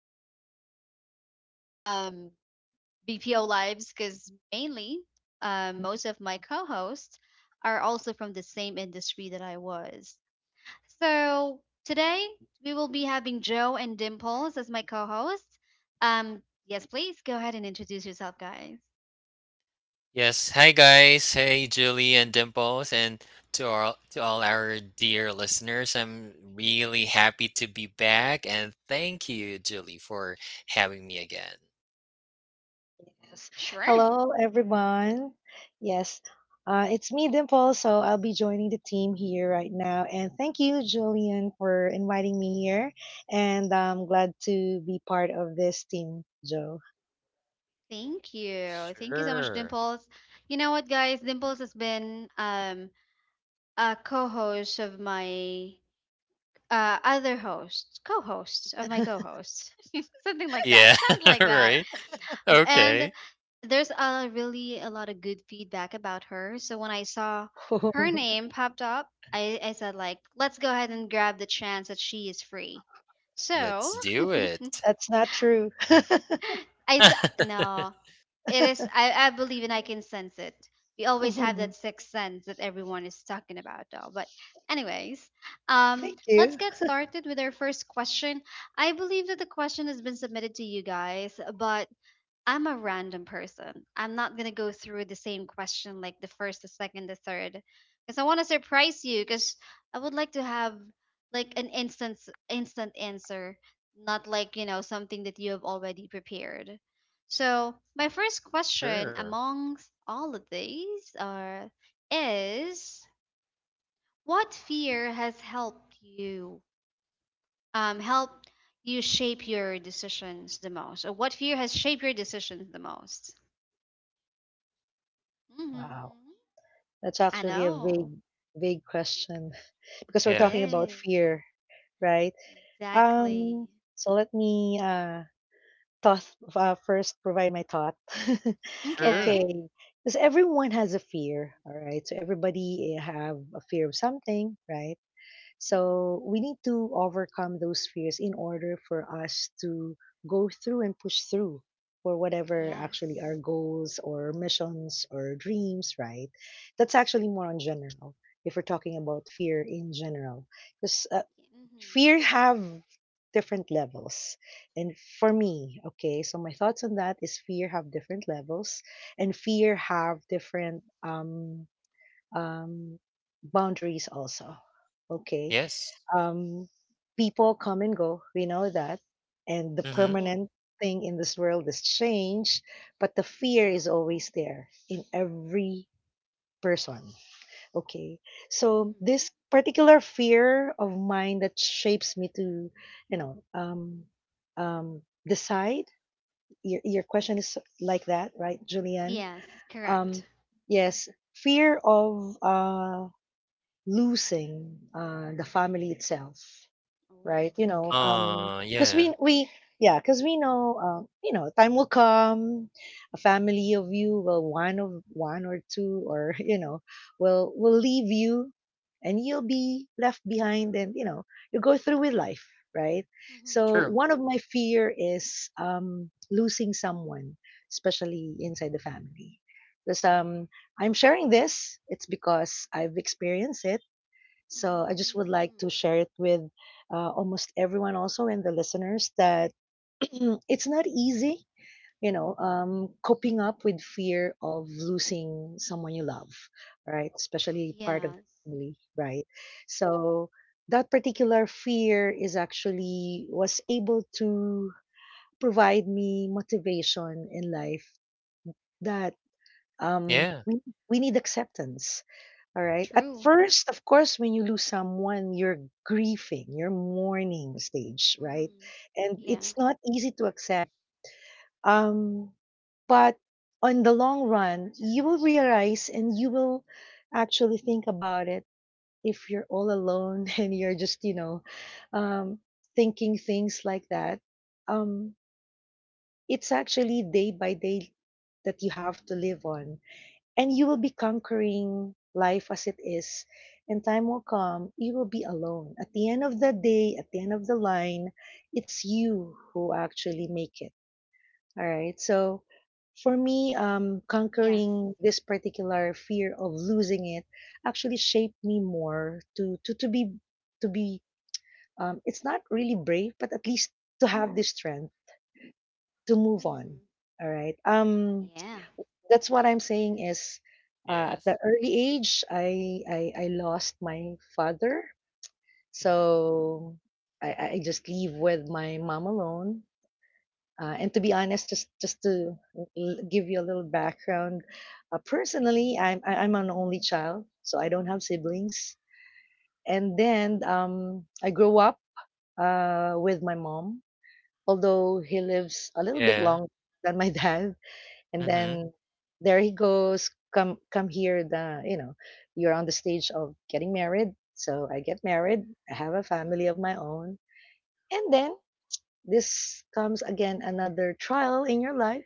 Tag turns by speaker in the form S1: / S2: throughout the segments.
S1: started with our um BPO lives because mainly most of my co hosts are also from the same industry that I was. So today we will be having Joe and Dimples as my co hosts. Um, yes, please go ahead and introduce yourself, guys.
S2: Yes. Hi guys. Hey Julie and Dimples and to all our dear listeners. I'm really happy to be back and thank you, Julie, for having me again.
S3: Yes.
S1: Sure.
S3: Hello, everyone. Yes, it's me, Dimple. So I'll be joining the team here right now. And thank you, Julian, for inviting me here. And I'm glad to be part of this team, Joe.
S1: Thank you. Thank you so much,
S2: Sure.
S1: Dimples. You know what, guys? Dimples has been a co host of my other host, co host of my co host, something like that.
S2: Yeah,
S1: Sounds like that.
S2: right.
S1: And
S2: Okay.
S1: there's a really a lot of good feedback about her, so when I saw her name popped up, I said like, let's go ahead and grab the chance that she is free. So
S2: Let's do it.
S3: That's not true.
S1: i s- no, it is, I believe, and I can sense it. We always have that
S3: thank
S1: sixth sense that everyone is talking about though. But anyways, um let's
S3: you.
S1: get started with our first question. I believe that the question has been submitted to you guys, but I'm a random person. I'm not gonna go through the same question like the first, the second, the third, because I want to surprise you. Because I would like to have like an instant answer, not like, you know, something that you have already prepared. So my first question
S2: Sure.
S1: amongst all of these are is, what fear has helped you, helped you shape your decisions the most, or what fear has shaped your decisions the most?
S3: Wow.
S1: Mm-hmm.
S3: That's
S1: I
S3: actually a
S1: know.
S3: big question because we're
S1: It
S2: Yeah.
S3: talking about
S1: is.
S3: fear, right?
S1: Exactly.
S3: Um, so let me thought first provide my thought.
S2: Sure.
S1: Okay.
S3: Okay, because everyone has a fear, all right, so everybody have a fear of something, right? So
S1: Mm-hmm.
S3: we need to overcome those fears in order for us to go through and push through for whatever actually our
S1: Yes.
S3: goals or missions or dreams, right? That's actually more on general, if we're talking about fear in general, because
S1: Mm-hmm.
S3: fear have different levels. And for me, okay, so my thoughts on that is fear have different levels, and fear have different um boundaries also, okay.
S2: Yes.
S3: um People come and go, we know that, and the
S2: Mm-hmm.
S1: Yeah.
S3: permanent thing in this world is change, but the fear is always there in every person. Okay. So
S1: Mm-hmm.
S3: this particular fear of mine that shapes me to, you know, um, decide. Your question is like that, right, Julianne?
S1: Yes, correct.
S3: Um, yes, fear of losing the family itself,
S1: Oh,
S3: right? You know,
S1: okay.
S3: um,
S2: Uh,
S3: because
S2: yeah.
S3: we we yeah, because we know, you know, time will come. A family of you will one of one or two or you know will leave you, and you'll be left behind, and you know you go through with life, right? So
S1: Mm-hmm.
S2: True.
S3: one of my fear is losing someone, especially inside the family. Because I'm sharing this, it's because I've experienced it, so I just would like to
S1: Mm.
S3: share it with almost everyone, also, and the listeners, that it's not easy, you know, coping up with fear of losing someone you love, right? Especially part of
S1: Yes.
S3: the family, right? So that particular fear is actually was able to provide me motivation in life, that um,
S2: Yeah.
S3: we, we need acceptance, all right. At
S1: True.
S3: first, of course, when you lose someone, you're grieving, you're mourning stage, right?
S1: Mm-hmm.
S3: And
S1: Yeah.
S3: it's not easy to accept. Um, but on the long run, you will realize, and you will actually think about it if you're all alone and you're just, you know, um, thinking things like that. Um, it's actually day by day that you have to live on, and you will be conquering life as it is, and time will come, you will be alone. At the end of the day, at the end of the line, it's you who actually make it, all right. So for me,
S1: Yes.
S3: conquering this particular fear of losing it actually shaped me more to be to be it's not really brave, but at least to have the strength to move on,
S1: Mm-hmm.
S3: all right.
S1: Yeah.
S3: That's what I'm saying is, at
S2: Yes.
S3: the early age, I lost my father.
S2: Mm-hmm.
S1: Mm-hmm.
S3: So I just leave with my mom alone. And to be honest, give you a little background. Personally, I'm an only child, so I don't have siblings. And then I grew up with my mom, although he lives a little bit
S2: Yeah.
S3: longer than my dad. And
S2: Mm-hmm.
S3: then there he goes, come come here, the, you know, you're on the stage of getting married. So I get married, I have a family of my own, and then this comes again, another trial in your life,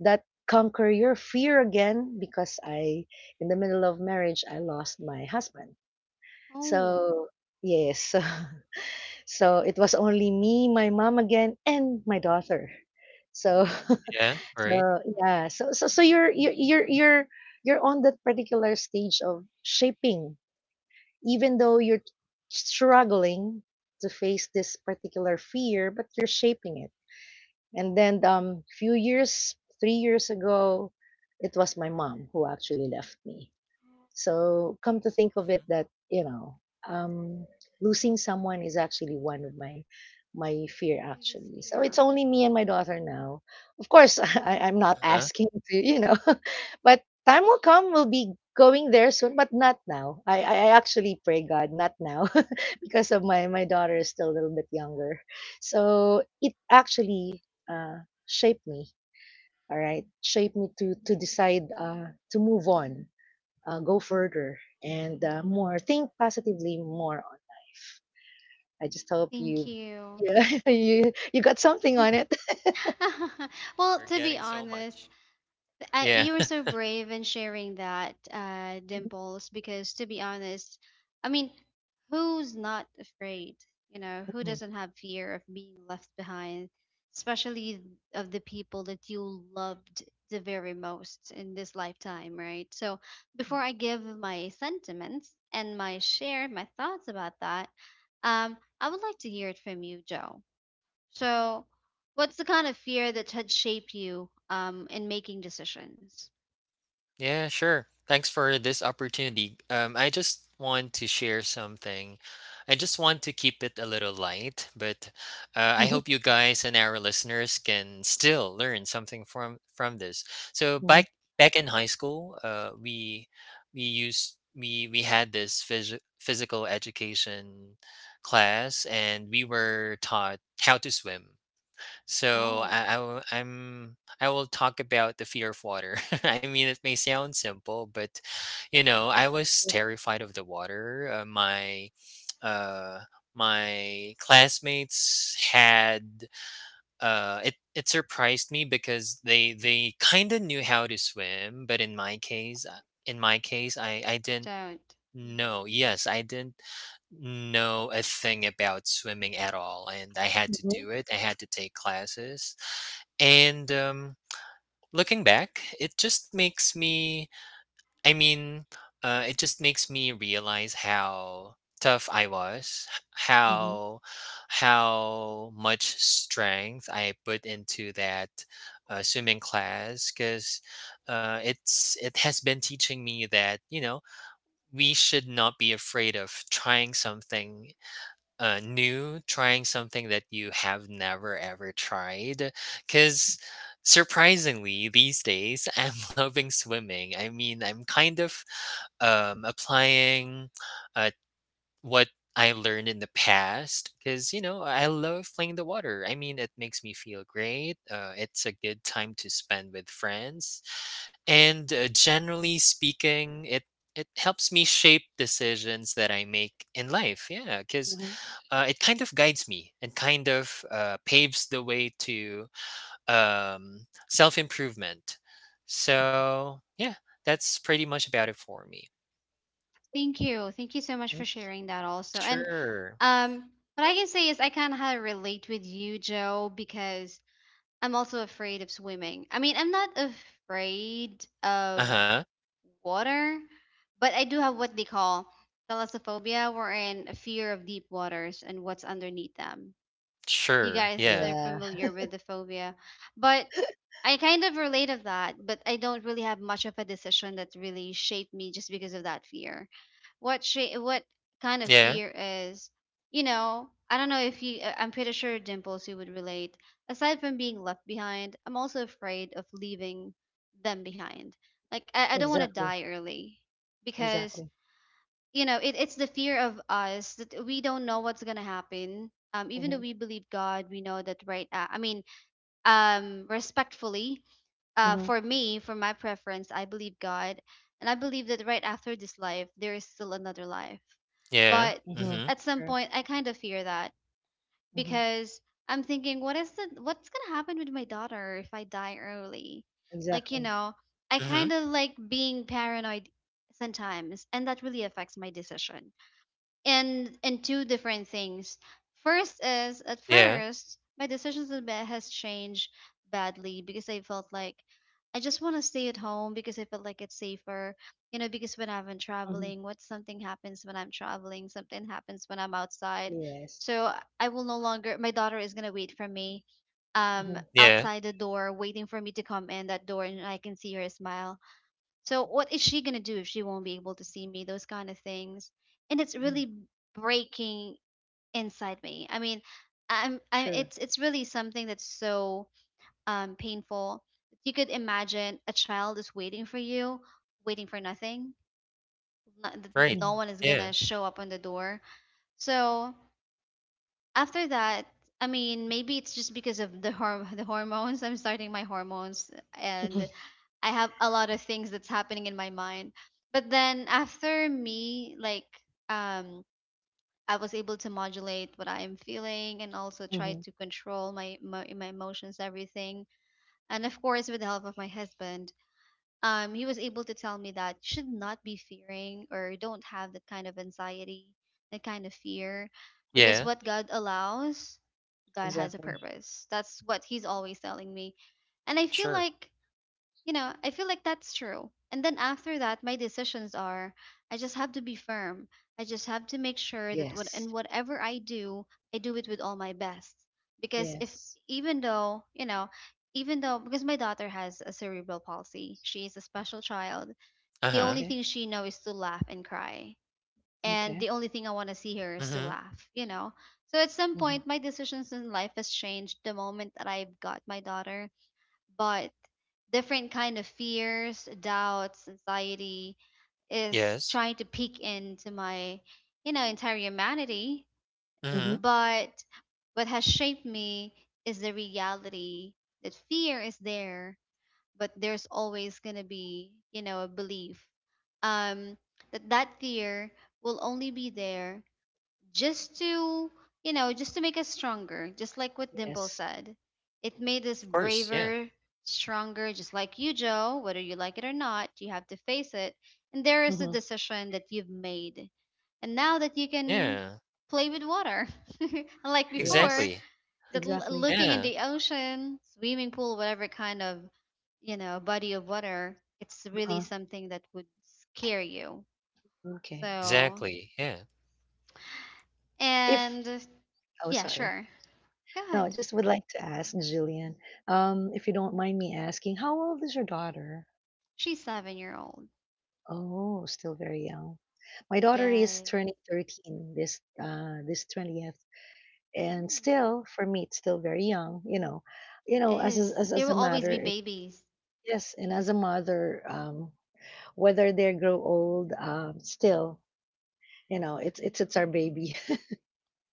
S3: that conquer your fear again, because I, in the middle of marriage, I lost my husband.
S1: Oh.
S3: So yes. So it was only me, my mom again, and my daughter. So
S1: Mm-hmm.
S2: Yeah.
S3: so
S2: Right.
S3: yeah, so you're you're on that particular stage of shaping, even though you're struggling to face this particular fear, but you're shaping it. And then few years, 3 years ago, it was my mom who actually left me.
S1: Oh,
S3: So come to think of it
S2: Mm-hmm.
S3: that, you know, um, losing someone is actually one of my my fear
S1: biggest
S3: actually. So it's
S1: fear.
S3: only me and my daughter now. Of course, I, I'm not
S2: Uh-huh.
S3: asking to, you know, but time will come, we'll be going there soon, but not now. I actually pray God, not now, because of my daughter is still a little bit younger. So it actually shaped me, all right, shaped me to decide to move on, go further, and more think positively more on, I just hope
S1: Thank
S3: you
S1: you.
S3: yeah. You got something on it.
S1: Well,
S2: We're
S1: to be
S2: getting so
S1: honest,
S2: much. Yeah.
S1: you were so brave in sharing that, Dimples, because to be honest, I mean, who's not afraid? You know, who
S3: Mhm,
S1: doesn't have fear of being left behind, especially of the people that you loved the very most in this lifetime, right? So, before I give my sentiments and my share, my thoughts about that, I would like to hear it from you, Joe. So, what's the kind of fear that had shaped you, in making decisions?
S2: Yeah, sure. Thanks for this opportunity. I just want to share something. I just want to keep it a little light, but I
S3: mhm,
S2: hope you guys and our listeners can still learn something from this. So
S3: mhm,
S2: back in high school, we used we had this physical education class, and we
S1: Hmm.
S2: were taught how to swim. So
S1: Oh,
S2: I will talk about the fear of water. I mean, it may sound simple, but you know, I was terrified of the water. Uh, my classmates had It surprised me because they kind of knew how to swim, but in my case, I
S1: you
S2: didn't.
S1: don't.
S2: No,
S1: Hmm.
S2: yes, I didn't know a thing about swimming at all, and I had to
S3: mhm,
S2: do it. I had to take classes. And Looking back, it just makes I mean, it just makes me realize how tough I was, h-
S3: mhm,
S2: how how much strength I put into that swimming class, because it's it has been teaching me that, you know, we should not be afraid of trying something new, trying something that you have never ever tried. Because surprisingly, these days, I'm loving swimming. I mean, I'm kind of applying uh, what I learned in the past because you know I love playing the water. I mean, it makes me feel great. It's a good time to spend with friends, and generally speaking, it helps me shape decisions that I make in life. Yeah, because
S3: mhm.
S2: it kind of guides me and kind of paves the way to self improvement. So yeah, that's pretty much about it for me.
S1: Thank you. Thank you so much for
S3: Thank
S1: sharing that also. And
S2: Sure.
S1: um, what I can say is, I kind of relate with you, Joe, because I'm also afraid of swimming. I mean, I'm not afraid
S2: Uh
S1: of
S2: huh.
S1: water, but I do have what they call thalassophobia, wherein a fear of deep waters and what's underneath them. If you
S2: Sure.
S1: guys
S3: you.
S2: Yeah.
S1: are
S3: Yeah.
S1: familiar with the phobia. But I kind of relate of that, but I don't really have much of a decision that really shaped me just because of that fear. What shape? What kind of
S2: Yeah,
S1: fear is? You know, I don't know if you. I'm pretty sure, Dimples, you would relate. Aside from being left behind, I'm also afraid of leaving them behind. Like I don't want to
S3: Exactly.
S1: die early, because
S3: Exactly.
S1: you know, it, it's the fear of us that we don't know what's gonna happen, even though
S3: Hmm.
S1: we believe God, we know that, right? I mean, respectfully,
S3: Hmm.
S1: for me, for my preference, I believe God, and I believe that right after this life there is still another life.
S2: yeah,
S1: But
S3: Hmm.
S2: mhm,
S1: at some
S3: True.
S1: point I kind of fear that,
S3: Hmm.
S1: because I'm thinking, what is the, what's gonna happen with my daughter if I die early? Like, you
S3: Exactly.
S1: know, I kind
S2: mhm,
S1: of like being paranoid sometimes, and that really affects my decision. And two different things. First is, at
S2: yeah,
S1: first my decisions in bed has changed badly because I felt like I just want to stay at home because I felt like it's safer. You know, because when I've been
S3: Hmm.
S1: traveling, what, something happens when I'm traveling, something happens when I'm outside.
S3: Yes.
S1: So I will no longer, my daughter is gonna wait for me
S3: Hmm.
S2: yeah,
S1: outside the door, waiting for me to come in that door, and I can see her smile. So what is she gonna do if she won't be able to see me? Those kind of things, and it's
S3: Hmm.
S1: really breaking inside me. I mean, I'm, I
S3: True.
S1: it's really something that's so painful. You could imagine a child is waiting for you, waiting for nothing. No,
S2: right,
S1: no
S3: Hmm.
S1: one is gonna
S2: yeah,
S1: show up on the door. So after that, I mean, maybe it's just because of the the hormones. I'm starting my hormones, and I have a lot of things that's happening in my mind. But then after me, like um I was able to modulate what I am feeling and also try
S3: Hmm.
S1: to control my emotions, everything. And of course, with the help of my husband, he was able to tell me that you should not be fearing, or don't have that kind of anxiety, that kind of fear.
S2: yeah,
S1: Because what God allows, God has a
S3: Exactly.
S1: purpose. That's what he's always telling me. And I feel
S2: sure,
S1: like, you know, I feel like that's true. And then after that, my decisions are, I just have to be firm. I just have to make sure that what
S3: Yes.
S1: and whatever I do it with all my best. Because if,
S3: Yes.
S1: even though, you know, even though, because my daughter has a cerebral palsy, she is a special child. The
S2: uh-huh,
S1: only
S3: Okay.
S1: thing she knows is to laugh and cry. And
S3: Okay.
S1: the only thing I want to see her is to
S2: mhm,
S1: laugh, you know. So at some
S3: Hmm.
S1: point my decisions in life has changed the moment that I've got my daughter. But different kind of fears, doubts, anxiety is
S2: yes,
S1: trying to peek into my, you know, entire humanity.
S2: mhm,
S3: Hmm.
S2: of
S1: But what has shaped me is the reality that fear is there, but there's always gonna be, you know, a belief, um, that that fear will only be there just to, you know, just to make us stronger, just like what Dimple
S3: Yes.
S1: said. It made us
S2: course, yeah,
S1: braver, stronger. Just like you, Joe, whether you like it or not, you have to face it, and there is the
S3: Mm-hmm.
S1: decision that you've made. And now that you can
S2: yeah,
S1: play with water, unlike before,
S3: Yes,
S2: exactly,
S1: that
S3: exactly.
S1: looking in
S2: yeah,
S1: the ocean, swimming pool, whatever kind of, you know, body of water, it's really
S3: Uh-huh.
S1: something that would scare you.
S3: Okay.
S1: So
S2: exactly, yeah,
S3: If,
S1: and
S3: oh
S1: yeah,
S3: sorry.
S1: sure.
S3: No,
S1: God,
S3: I just would like to ask Jillian, if you don't mind me asking, how old is your daughter?
S1: she's 7 year old.
S3: Oh, still very young. My daughter is
S1: Yes.
S3: turning 13 this this 20th. And
S1: Mm,
S3: still for me it's still very young, you know. You
S1: it
S3: know, as
S1: is. There
S3: as
S1: will
S3: a
S1: always
S3: matter
S1: be
S3: it,
S1: babies.
S3: yes, and as a mother, whether they grow old, still, you know, it's our baby.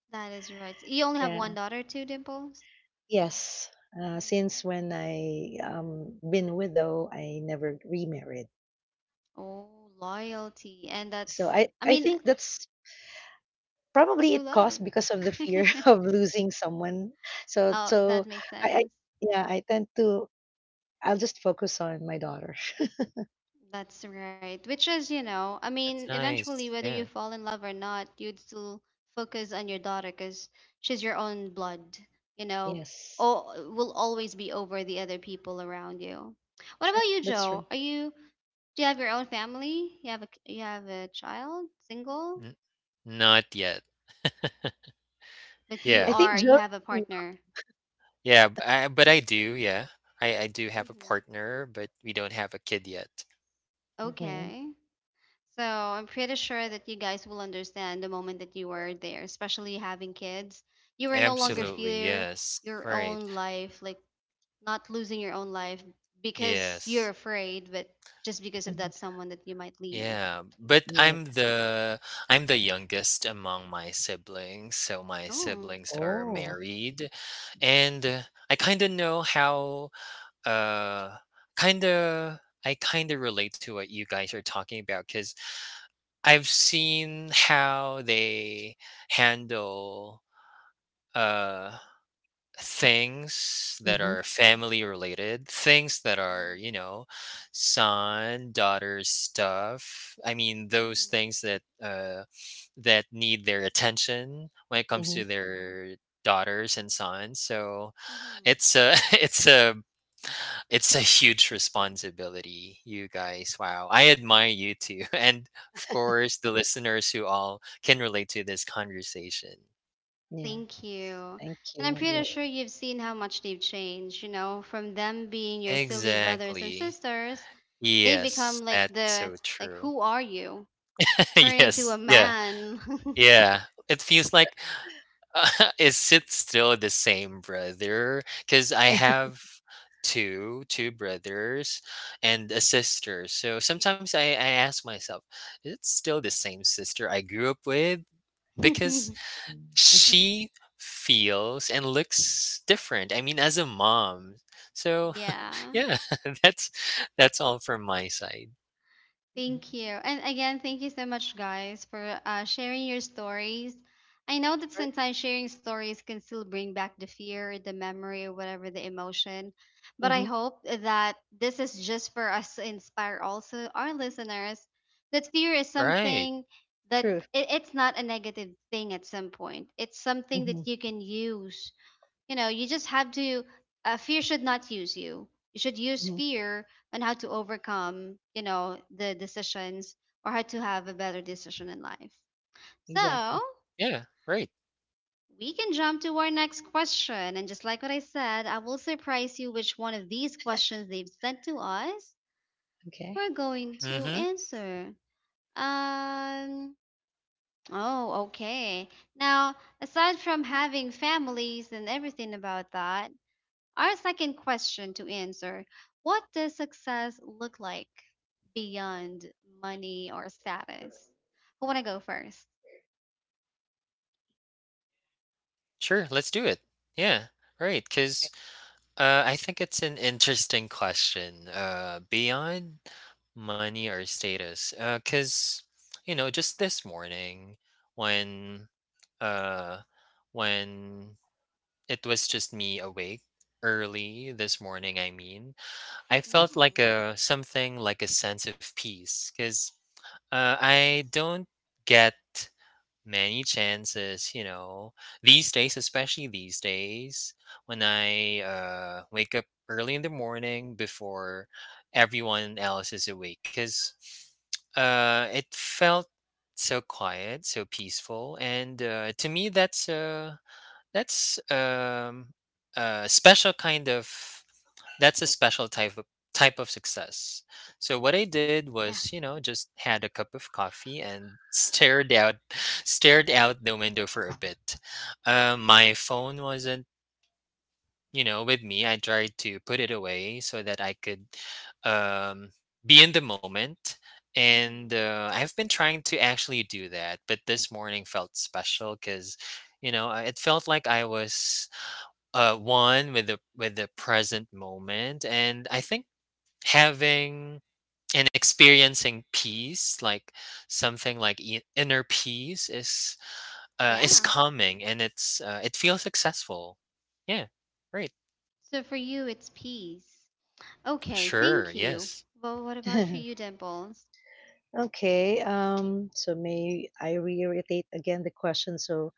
S1: That is right. You only have one
S3: Yeah.
S1: daughter too, Dimples?
S3: Yes, since
S1: Hmm.
S3: when I been widow, I never remarried.
S1: Oh, loyalty. And that's,
S3: So I
S1: I
S3: I
S1: mean,
S3: think that's probably
S1: true
S3: it
S1: love.
S3: caused because of the fear of losing someone. So
S1: Oh,
S3: so
S1: that makes
S3: I
S1: sense.
S3: yeah, I tend to I'll just focus on my daughter.
S1: That's right. Which is, you know, I
S2: that's
S1: mean, eventually,
S2: nice,
S1: whether
S2: yeah.
S1: you fall in love or not, you'd still focus on your daughter because she's your own blood, you know,
S3: Yes,
S1: or will always be over the other people around you. What
S3: true.
S1: about you,
S3: That's true.
S1: Joe? Are you, do you have your own family? You have a child, single,
S2: N Not yet,
S1: but you
S3: I
S2: yeah,
S3: think
S1: are, you
S3: Joe.
S1: have a partner.
S2: yeah, b I but I do, yeah, I do have a
S1: Mm-hmm.
S2: partner, but we don't have a kid yet,
S3: Mm-hmm,
S1: Okay. So I'm pretty sure that you guys will understand the moment that you were there, especially having kids. You were no longer
S3: exactly.
S2: absolutely,
S1: fear
S2: yes,
S1: your
S2: right,
S1: own life, like not losing your own life because you're
S2: yes.
S1: afraid, but just because of
S3: Hmm.
S1: that someone that you might leave.
S2: Yeah, but I'm
S3: Yes.
S2: the I'm the youngest among my siblings, so my
S1: Oh.
S2: siblings are
S3: Oh.
S2: married, and I kind of know how uh kind of I kind of relate to what you guys are talking about because I've seen how they handle uh things that
S3: Mm-hmm,
S2: are family related, things that are, you
S1: Hmm.
S2: know, son, daughter stuff. I mean, those
S1: Hmm.
S2: things that that need their attention when it comes
S3: mm-hmm.
S2: to their daughters and sons. So
S1: Hmm.
S2: it's a it's a huge responsibility, you guys. Wow. I admire you too. And of course, the listeners who all can relate to this conversation.
S3: Yes.
S1: Thank you.
S3: Thank
S1: And I'm
S3: you,
S1: pretty
S3: Joe.
S1: sure you've seen how much they've changed, you know, from them being your silly brothers and
S2: Exactly.
S1: sisters, they
S2: Yes,
S1: become like
S2: that's so
S1: the, like,
S2: true.
S1: who are you? Turn into
S2: Yes,
S1: a
S2: yeah,
S1: man.
S2: yeah. It feels like, is it still the same brother? Because I have two brothers and a sister. So sometimes I ask myself, is it still the same sister I grew up with? Because
S3: Mm-hmm.
S2: she feels and looks different. I mean, as a mom. So
S1: Yeah,
S2: yeah, that's that's all from my side.
S1: thank
S3: Mm-hmm.
S1: you. And again, thank you so much, guys, for sharing your stories. I know that
S3: Sure.
S1: sometimes sharing stories can still bring back the fear, the memory, or whatever the emotion. But I
S3: Mm-hmm.
S1: hope that this is just for us to inspire also our listeners that fear is
S2: Right.
S1: something that,
S3: True.
S1: it, it's not a negative thing at some point. It's something
S3: Mm-hmm,
S1: that you can use, you know, you just have to, fear should not use you, you should use
S3: mm-hmm.
S1: fear on how to overcome, you know, the decisions, or how to have a better decision in life. So
S3: Exactly.
S2: Yeah, right.
S1: we can jump to our next question, and just like what I said, I will surprise you which one of these questions they've sent to us
S3: Okay.
S1: we're going to
S2: Mhm.
S1: answer. um oh, okay. Now, aside from having families and everything about that, our second question to answer, what does success look like beyond money or status? Who want to go first?
S2: Sure, let's do it. Yeah. Right. Cause I think it's an interesting question, beyond money or status, cause you know, just this morning when, uh, when it was just me awake early this morning, I mean, I
S3: Mm.
S2: felt like
S1: Mm-hmm.
S2: a something like a sense of peace. Cause I don't get many chances you know these days especially these days when I wake up early in the morning before everyone else is awake because it felt so quiet so peaceful and to me that's um a special kind of that's a special type of success. So what I
S1: Mm-hmm.
S2: did
S1: Yeah.
S2: was, you know, just had a cup of coffee and stared out stared out the window for a bit. My phone wasn't, you know, with me. I tried to put it away so that I could um, be in the moment. And
S1: Mm-hmm.
S2: I've been trying to actually do that, but this morning felt special because, you know, it felt like I was one with the present moment, and I think having and experiencing peace, like something like inner peace, is
S1: Yeah.
S2: coming, and it feels successful. Yeah, right.
S1: So for you, it's peace. Okay.
S2: Sure.
S1: Thank you.
S2: Yes.
S1: Well, what about for you, Dimples?
S3: Okay, so may I reiterate again the question? So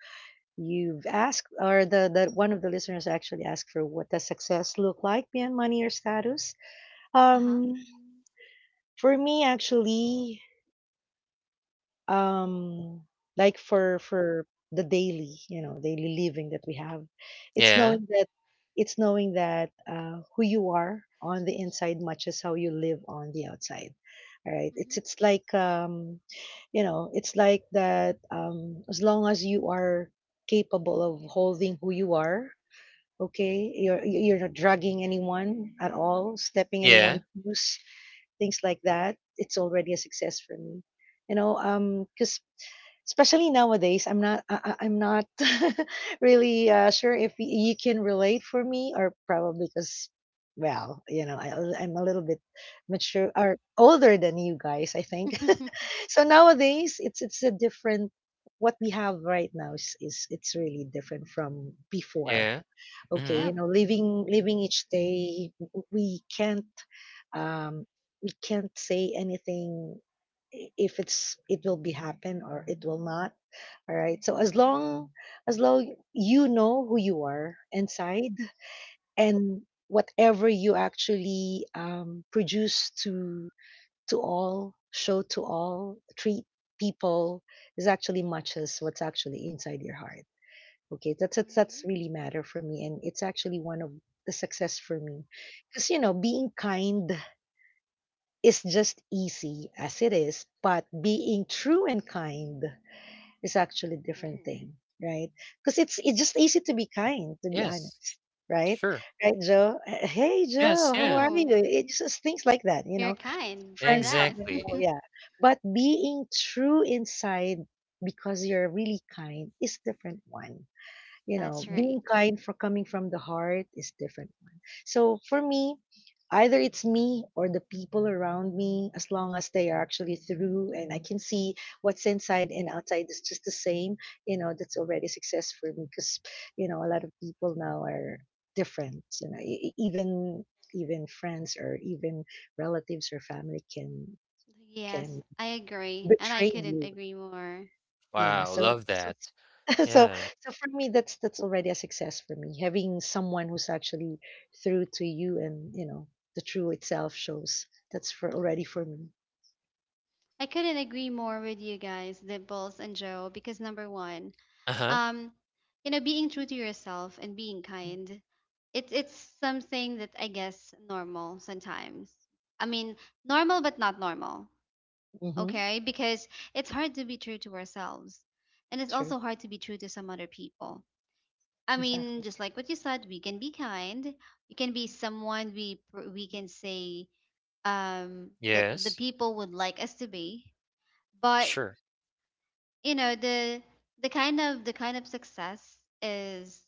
S3: you've asked, or the one of the listeners actually asked for, what does success look like beyond money or status?
S1: Uh huh.
S3: Um, for me, actually, um like for the daily, you know, daily living that we have, it's
S2: Yeah.
S3: knowing that who you are on the inside matches how you live on the outside, all right. It's like you know, it's like that, um, as long as you are capable of holding who you are, okay, you're not drugging anyone at all, stepping
S2: Yeah.
S3: anyone loose, things like that, it's already a success for me. You know, because especially nowadays, I'm not really sure if you can relate for me, or probably because, well, you know, I'm a little bit mature or older than you guys, I think.
S1: Mm-hmm.
S3: So nowadays, it's a different. What we have right now is it's really different from before.
S2: Yeah.
S3: Okay,
S2: Mm-hmm.
S3: you
S1: Yep.
S3: know, living each day, we can't um, say anything if it's it will be happen or it will not, all right. As long you know, who you are inside, and whatever you actually produce to all show to all treat people, is actually matches what's actually inside your heart, okay. That's
S1: Mm-hmm.
S3: really matter for me, and it's actually one of the success for me, because you know, being kind is just easy as it is, but being true and kind is actually a different
S1: Ooh.
S3: thing, right? Because it's just easy to be kind, to be
S2: Yes.
S3: honest, right?
S2: Sure.
S3: Right, Joe? Eh, Hey,
S2: Yes.
S3: Joe, how
S2: Yeah.
S3: are
S1: True.
S3: you? It's just things like that, you know.
S1: You're kind by
S3: Friends come
S1: that.
S3: and
S2: Exactly.
S3: go, yeah. But being true inside because you're really kind is different one, you know,
S1: That's
S3: being
S1: right.
S3: kind for coming from the heart is different one. So for me, either it's me or the people around me, as long as they are actually through, and I can see what's inside and outside is just the same, you know, that's already success for me because, you know, a lot of people now are different. You know, even friends or even relatives or family can
S1: Yes,
S3: can
S1: I agree. And I
S3: betray
S1: couldn't
S3: you,
S1: agree more.
S3: yeah,
S2: Wow.
S3: so
S2: Love
S3: so
S2: that.
S3: it's so
S2: Yeah.
S3: so for me, that's already a success for me. Having someone who's actually through to you, and you know, the true itself shows, that's for already for me.
S1: I couldn't agree more with you guys, Dimples and Joe, because number one,
S2: Uh huh.
S1: um, being true to yourself and being kind, it's something that I guess normal sometimes. I mean, normal but not normal,
S3: Mm-hmm.
S1: okay? Because it's hard to be true to ourselves, and it's
S3: True.
S1: also hard to be true to some other people. I mean,
S3: Exactly.
S1: just like what you said, we can be kind, we can be someone we can say that the
S2: Yes.
S1: people would like us to be, but
S2: Sure.
S1: you know the the kind of success is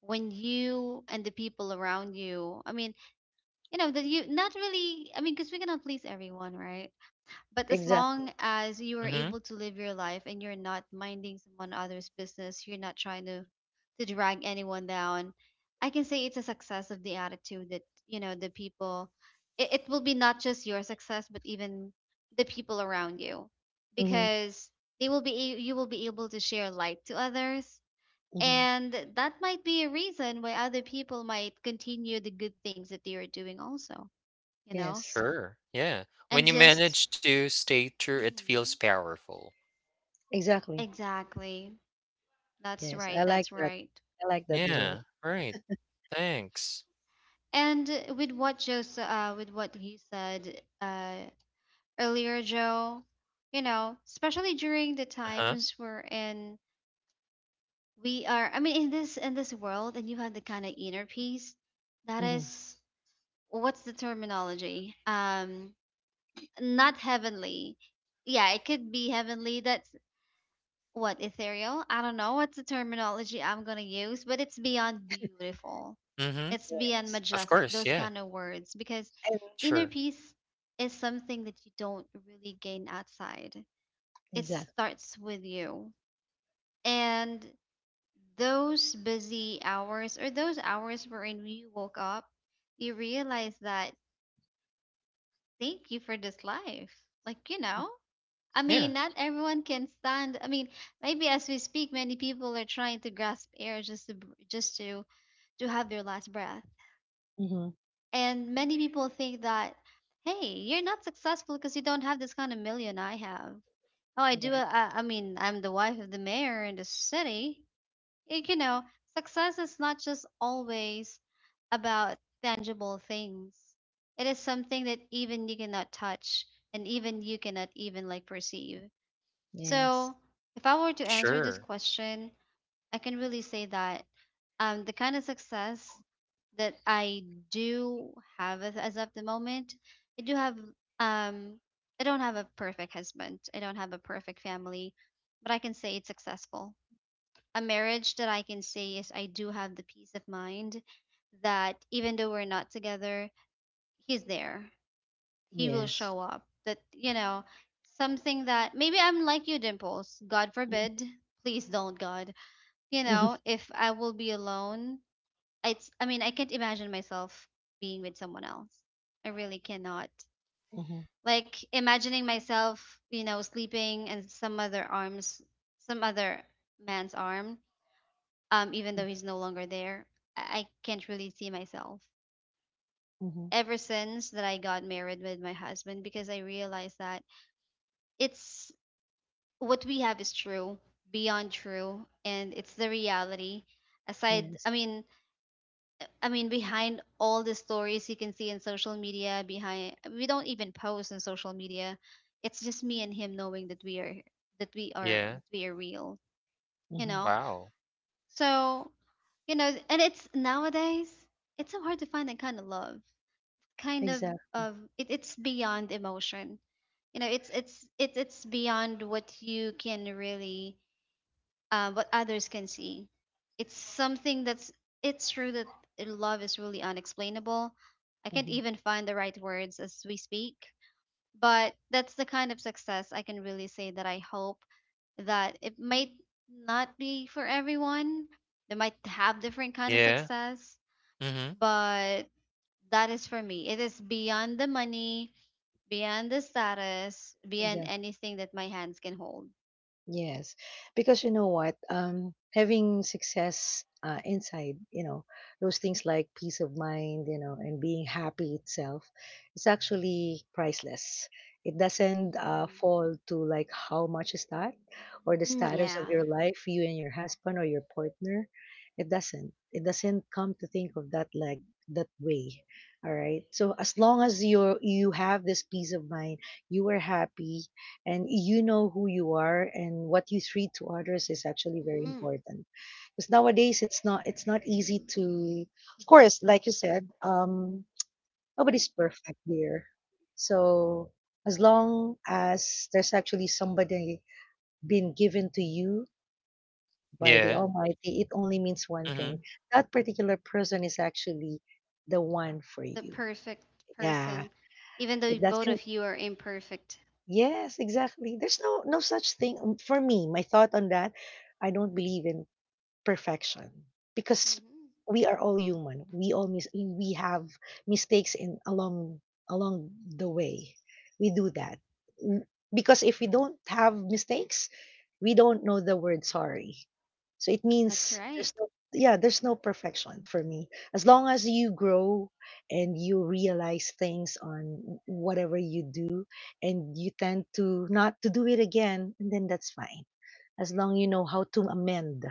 S1: when you and the people around you, I mean, you know that you not really, I mean, because we cannot please everyone, right? But as long
S3: Exactly.
S1: as you are
S2: Mm-hmm.
S1: able to live your life and you're not minding someone other's business, you're not trying to drag anyone down. I can say it's a success of the attitude that you know the people. It will be not just your success, but even the people around you,
S3: Mm-hmm.
S1: because they will be a- you will be able to share light to others,
S3: Mm-hmm.
S1: and that might be a reason why other people might continue the good things that they are doing also. You know,
S3: Yes.
S2: Sure. Yeah.
S1: and
S2: When you
S1: just.
S2: manage to stay true, it feels
S1: Mhm.
S2: powerful.
S3: Exactly.
S1: Exactly. That's
S3: Yes.
S1: right.
S3: I like
S1: That's
S3: that.
S1: right.
S3: I like that joke.
S2: Yeah. Right. Thanks.
S1: And with with what he said earlier, Joe, especially during the
S2: Uh huh.
S1: times we're in, we are. I mean, in this world, and you have the kind of inner peace that
S3: Mm-hmm.
S1: is, what's the terminology? Not heavenly. Yeah, it could be heavenly. That's... What, ethereal? I don't know what's the terminology I'm gonna use, but it's beyond beautiful.
S2: Mm-hmm.
S1: It's beyond
S3: Yes.
S2: Of
S1: majestic,
S2: course.
S1: those
S2: Yeah.
S1: kind of words. Because
S3: And
S1: inner
S2: Sure.
S1: peace is something that you don't really gain outside. It
S3: exactly.
S1: starts with you. And those busy hours or those hours wherein you woke up, you realize that thank you for this life. Like, you know? I
S2: Yeah.
S1: mean, not everyone can stand. I mean, maybe as we speak, many people are trying to grasp air just just to have their last breath.
S3: Mm-hmm.
S1: And many people think that, hey, you're not successful because you don't have this kind of million I have. Oh, I do.
S3: Yes.
S1: I mean, I'm the wife of the mayor in the city. You know, success is not just always about tangible things. It is something that even you cannot touch and even you cannot even like perceive.
S3: Yes.
S1: So, if I were to answer this
S2: Sure.
S1: question, I can really say that the kind of success that I do have as of the moment, I do have um, I don't have a perfect husband. I don't have a perfect family, but I can say it's successful. A marriage that I can say is I do have the peace of mind that even though we're not together, he's there, he will
S3: Yes.
S1: show up. That, something that maybe I'm like you, Dimples. God forbid. Please don't, God. You
S3: Mm-hmm.
S1: know, if I will be alone, it's, I mean, I can't imagine myself being with someone else. I really cannot.
S3: Mm-hmm.
S1: Like imagining myself, sleeping in some other arms, some other man's arm, even
S3: Mm-hmm.
S1: though he's no longer there. I can't really see myself
S3: Mm-hmm,
S1: ever since that I got married with my husband, because I realized that it's what we have is true, beyond true, and it's the reality. Aside,
S3: yes.
S1: I mean, behind all the stories you can see in social media, behind we don't even post on social media. It's just me and him knowing that we are
S2: Yeah.
S1: real, you
S3: Mm-hmm.
S1: know.
S2: Wow.
S1: So, and it's nowadays it's so hard to find that kind of love, kind of
S3: Exactly.
S1: it. It's beyond emotion. It's beyond what you can really, what others can see. It's something that's it's true that love is really unexplainable. I can't
S3: Mhm.
S1: even find the right words as we speak, but that's the kind of success I can really say that I hope that it might not be for everyone. They might have different kind of
S2: Yeah.
S1: success,
S2: Mm-hmm.
S1: but that is for me. It is beyond the money, beyond the status, beyond
S3: Exactly.
S1: anything that my hands can hold.
S3: Yes. Because you know what? Having success inside, you know, those things like peace of mind, you know, and being happy itself is actually priceless. It doesn't
S1: Mm-hmm.
S3: fall to like how much is that, or the
S1: Mm,
S3: status of
S1: yeah.
S3: your life, you and your husband or your partner. It doesn't. It doesn't come to think of that like that way. All right. So as long as you have this peace of mind, you are happy, and you know who you are and what you treat to others is actually very important because nowadays it's not easy to, of course, like you said, nobody's perfect here, so as long as there's actually somebody being given to you by the
S2: Yeah.
S3: almighty, it only means one
S2: Mm-hmm.
S3: thing: that particular person is actually the one for
S1: The
S3: you,
S1: perfect
S3: yeah,
S1: person, even though
S3: it
S1: both
S3: doesn't.
S1: of you are imperfect.
S3: Yes, exactly. There's no such thing, for me. My thought on that, I don't believe in perfection because
S1: Hmm.
S3: we are all human. We have mistakes in, along the way. We do that. Mm, because if we don't have mistakes, we don't know the word sorry. So it
S1: That's
S3: means
S1: right.
S3: there's no, yeah, there's no perfection for me. As long as you grow and you realize things on whatever you do and you tend to not to do it again, and then that's fine. As long you know how to amend,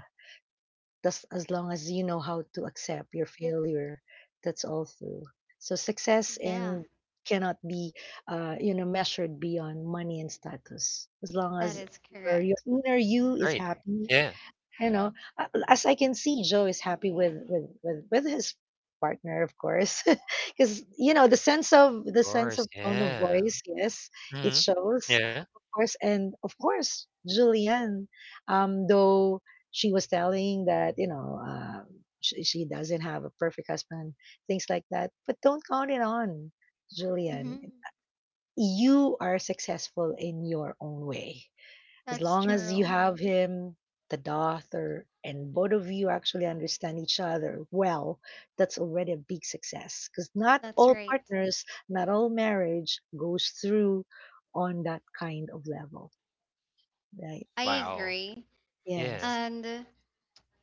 S3: just as long as you know how to accept your failure, that's all through. So success
S1: Yeah,
S3: and cannot be, measured beyond money and status. As long
S1: that
S3: as
S1: is
S3: your
S1: correct.
S3: inner you is
S2: Great.
S3: happy,
S2: Yeah.
S3: you know, as I can see, Joe is happy with with his partner, of course, because you know the
S2: Of
S3: sense of
S2: course.
S3: tone of
S2: Yeah.
S3: voice, yes, it
S2: Mm-hmm.
S3: shows,
S2: Yeah.
S3: of course. And of course, Julianne, though she was telling that, you know, she doesn't have a perfect husband, things like that, but don't count it on Julianne.
S1: Hmm.
S3: You are successful in your own way. As
S1: That's
S3: long as you
S1: true.
S3: have him, the daughter, and both of you actually understand each other well, that's already a big success. Because not
S1: That's
S3: all
S1: right.
S3: partners, not all marriage goes through on that kind of level, right?
S1: I
S2: Wow.
S1: agree.
S2: Yeah.
S3: Yes.
S1: And,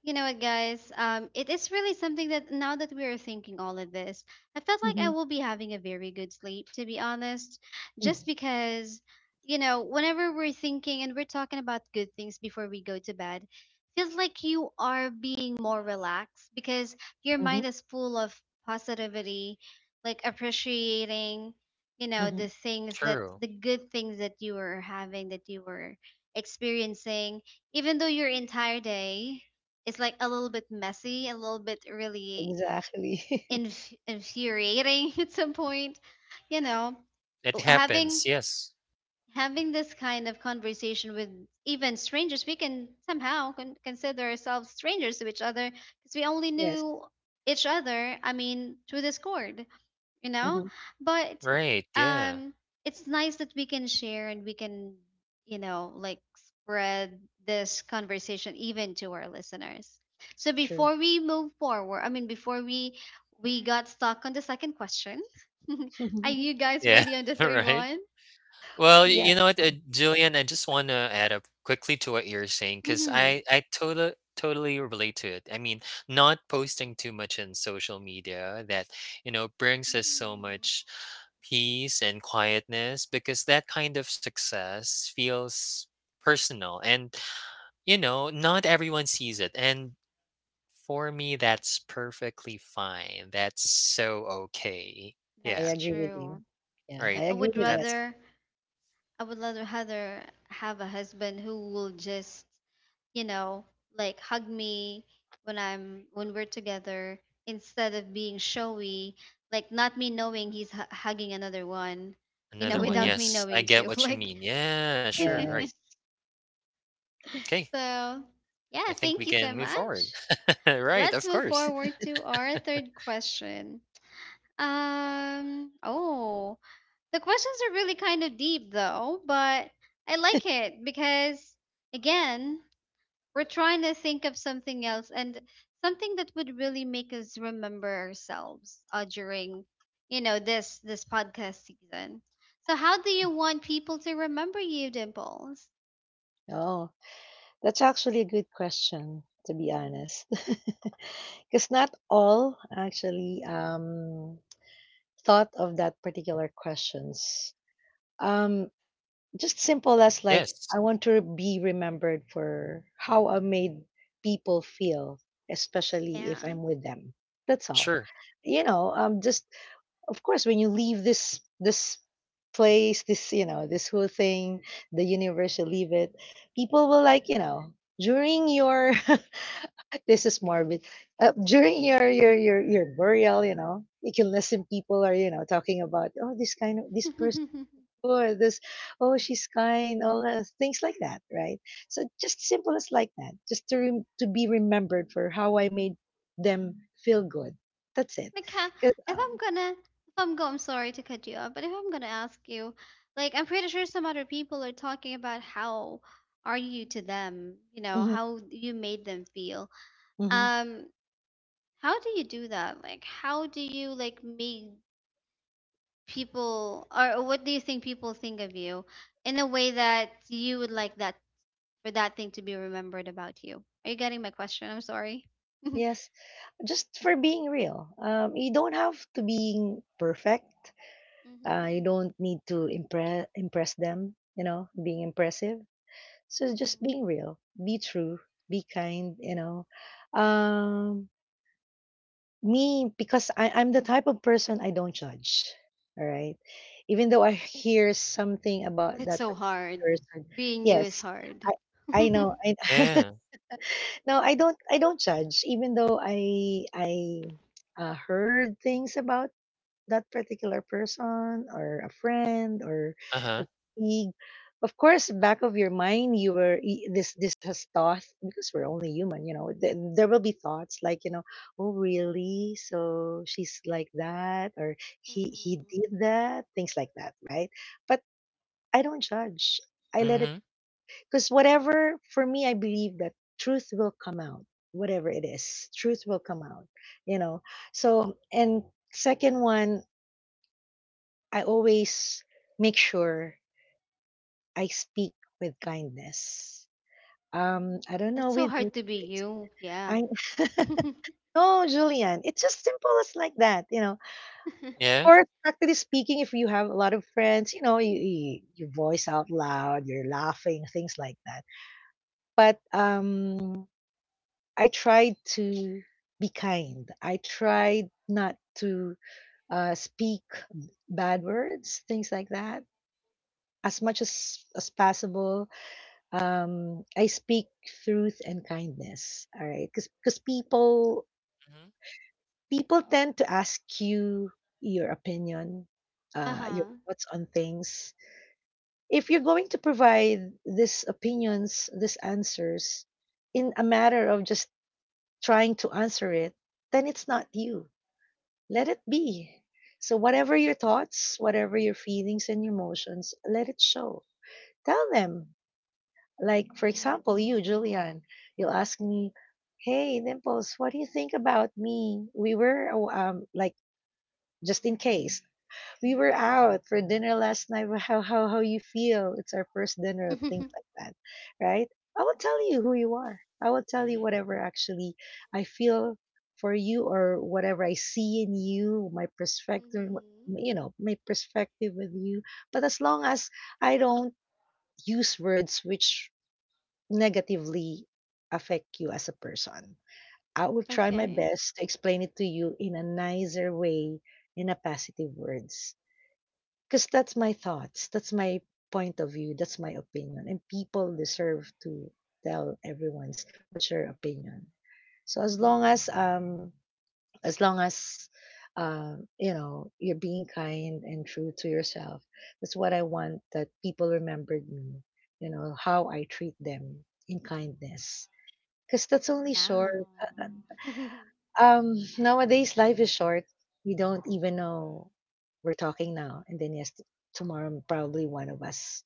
S1: you know what, guys? It is really something that now that we are thinking all of this, I felt like I
S3: hmm
S1: will be having a very good sleep, to be honest, just because, whenever we're thinking and we're talking about good things before we go to bed, feels like you are being more relaxed because your
S3: hmm
S1: mind is full of positivity, like appreciating,
S3: hmm
S2: True.
S1: the good things that you were having, that you were experiencing, even though your entire day it's like a little bit messy, a little bit really
S3: Exactly.
S1: infuriating at some point. You know,
S2: It
S1: Oh,
S2: happens. Yes.
S1: having this kind of conversation with even strangers, we can somehow consider ourselves strangers to each other because we only
S3: Yes.
S1: knew each other. I mean, through Discord, you know
S3: hmm
S1: but
S2: Right. Yeah.
S1: um it's nice that we can share and we can, like, spread this conversation even to our listeners. So
S3: True.
S1: before we move forward, I mean, before we got stuck on the second question, are you guys
S2: Yeah.
S1: ready on the third
S2: right.
S1: one?
S2: Well,
S3: Yeah,
S2: you know what, Julian, I just want to add up quickly to what you're saying because
S1: Hmm.
S2: I totally relate to it. I mean, not posting too much in social media that you know brings us so
S1: Mm-hmm.
S2: much peace and quietness because that kind of success feels personal and you know not everyone sees it and for me that's perfectly fine that's so okay
S3: I
S2: yeah
S1: That's
S3: agree with you.
S1: true.
S3: Yeah, I
S2: right
S1: i
S3: agree
S1: would
S3: with that.
S2: that's
S1: rather i would rather rather have a husband who will just, you know, like, hug me when we're together, instead of being showy, like not me knowing he's hugging another one,
S2: Another one,
S3: hmm
S1: without me
S2: yes, I
S1: knowing
S2: get
S1: too.
S2: what you
S1: Like,
S2: mean. Yeah, sure, right.
S3: Yes.
S2: Okay,
S1: so,
S2: I
S1: yeah,
S2: think we
S1: thank you
S2: can
S1: so
S2: move forward.
S1: much.
S2: Right,
S1: Let's
S2: of
S1: move
S2: course.
S1: forward to our third question. Oh, the questions are really kind of deep though, but I like it because, again, we're trying to think of something else and something that would really make us remember ourselves during, this podcast season. So how do you want people to remember you, Dimples?
S3: Oh, that's actually a good question, to be honest. Because not all actually, thought of that particular questions. Um, just simple as like, I
S2: Yes,
S3: want to be remembered for how I made people feel, especially if
S1: Yeah.
S3: I'm with them. That's all.
S2: sure.
S3: You know, just of course when you leave this, this place, this, you know, this whole thing, the universe, you leave it, people will, like, you know, during your this is morbid, during your burial, you know, you can listen, people are, you know, talking about, oh, this kind of, this
S1: Like,
S3: person, or this, oh, she's kind, all that, things like that, right? So just simple as like that, just to to be remembered for how I made them feel good. That's it,
S1: how...
S3: because,
S1: if I'm gonna if I'm go I'm sorry to cut you off, but if I'm gonna ask you, like, I'm pretty sure some other people are talking about how are you to them,
S3: mhm,
S1: how you made them feel.
S3: mhm.
S1: Um How do you do that? Like, how do you, like, make people, or what do you think people think of you in a way that you would like that for that thing to be remembered about you? Are you getting my question? I'm sorry.
S3: Yes, just for being real. You don't have to being perfect. You
S1: Mhm.
S3: don't need to impress them. You know, being impressive. So just
S1: Mhm.
S3: being real. Be true. Be kind. You know, um, me because I'm the type of person I don't judge. All right, even though I hear something about
S1: It's
S3: that
S1: so hard.
S3: person,
S1: Being you is
S3: yes,
S1: hard.
S3: I I know. I
S2: Yeah,
S3: no, I don't judge even though I heard things about that particular person or a friend or a
S2: uh-huh,
S3: colleague. Of course, back of your mind, you were this has thought because we're only human, you know. There will be thoughts like, you know, oh really? So she's like that, or he
S1: Mhm.
S3: did that, things like that, right? But I don't judge. I let it,
S2: mhm,
S3: because whatever, for me, I believe that truth will come out, whatever it is, truth will come out, you know. So, and second one, I always make sure I speak with kindness.
S1: Mm.
S3: I don't
S1: It's
S3: know
S1: so
S3: with you,
S1: hard to be
S3: guys.
S1: you. Yeah.
S3: I
S1: Uh
S3: no, Julian, it's just simple as like that, you know.
S2: yeah,
S3: Or practically speaking, if you have a lot of friends, you know, you voice out loud, you're laughing, things like that. But I tried to be kind. I tried not to, speak bad words, things like that. As much as possible, I speak truth and kindness. All right, because people
S2: mhm,
S3: people tend to ask you your opinion, your
S1: huh.
S3: thoughts on things. If you're going to provide these opinions, these answers, in a matter of just trying to answer it, then it's not you, let it be. So, whatever your thoughts, whatever your feelings and emotions, let it show. Tell them. Like, for example, you, Julian, you'll ask me, hey, Dimples, what do you think about me? We were, oh, like, just in case, we were out for dinner last night. How you feel? It's our first dinner,
S1: Mhm.
S3: things like that, right? I will tell you who you are. I will tell you
S2: mhm.
S3: whatever actually I feel for you or whatever I see in you, my perspective, you know, my perspective with you. But as long as I don't use words which negatively affect you as a person, I will try my
S1: Okay.
S3: best to explain it to you in a nicer way, in a positive words, because that's my point of view, that's my opinion, and people deserve to tell everyone's what's your opinion. So as long as, as long as, you know, you're being kind and true to yourself, that's what I want, that people remembered me, you know, how I treat them in kindness, because that's only
S1: Now.
S3: short, uh, nowadays, life is short. We don't even know, we're talking now, and then yes, tomorrow probably one of us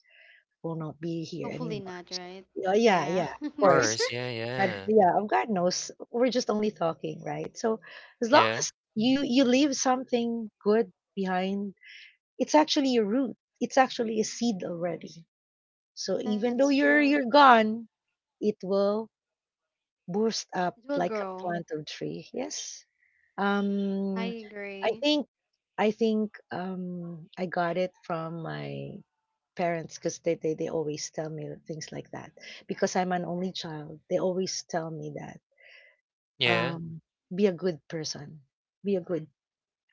S3: will not be here
S1: Hopefully
S3: anymore.
S1: not, right?
S3: Yeah, yeah,
S1: Yeah.
S3: yeah, of
S2: Of
S3: course.
S2: course, yeah,
S3: But
S2: yeah,
S3: yeah, oh, God knows we're just only talking, right? So as long
S2: yeah,
S3: as you leave something good behind, it's actually a root. It's actually a seed already. So
S1: That's
S3: even though
S1: true.
S3: you're gone, it will boost
S1: It
S3: up
S1: will
S3: like a
S1: grow.
S3: plant or tree. Yes.
S1: I
S3: Um,
S1: agree.
S3: I think I think I got it from my parents because they always tell me things like that because I'm an only child. They always tell me that,
S2: yeah,
S3: um be a good person, be a good,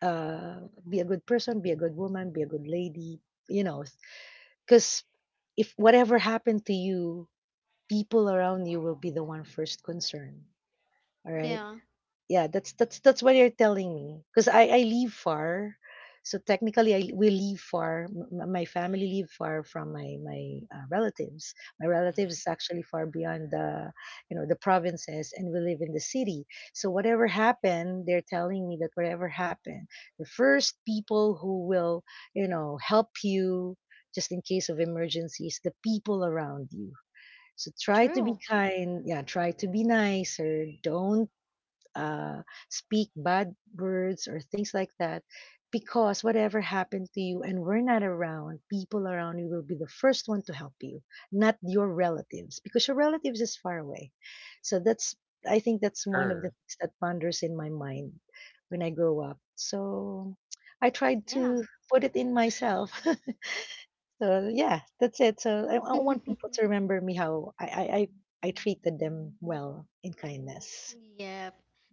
S3: be a good person, be a good woman, be a good lady. You know, because if whatever happened to you, people around you will be the one first concerned. All right,
S1: Yeah.
S3: yeah, that's what you're telling me because I live far, so technically I we live far, my family live far from my my relatives, my
S2: mhm,
S3: relatives is actually far beyond the, you know, the provinces, and we live in the city. So whatever happened, they're telling me that whatever happened, the first people who will, you know, help you, just in case of emergencies, the people around you. So try to
S1: True.
S3: be kind, yeah, try to be nicer, don't, uh, speak bad words or things like that, because whatever happened to you and we're not around, people around you will be the first one to help you, not your relatives, because your relatives is far away. So that's, I think that's one of the
S2: sure,
S3: things that ponders in my mind when I grow up. So I tried
S1: Yeah.
S3: to put it in myself. So yeah, that's it. So I, want people to remember me how I treated them well in kindness.
S1: Yep.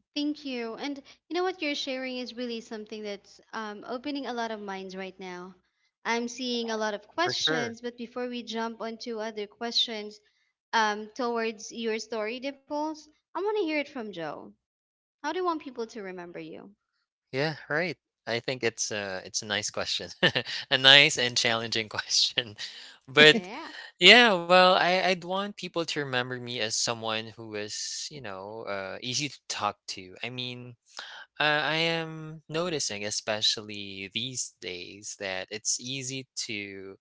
S1: Thank you. And you know what you're sharing is really something that's opening a lot of minds right now. I'm seeing a lot of
S2: for sure.
S1: questions, but before we jump onto other questions towards your story, Dimples, I want to hear it from Joe. How do you want people to remember you?
S2: Yeah, right. I think it's a nice question, a nice and challenging question. But,
S1: Yeah.
S2: yeah, well, I'd want people to remember me as someone who is, you know, easy to talk to. I mean I am noticing, especially these days, that it's easy to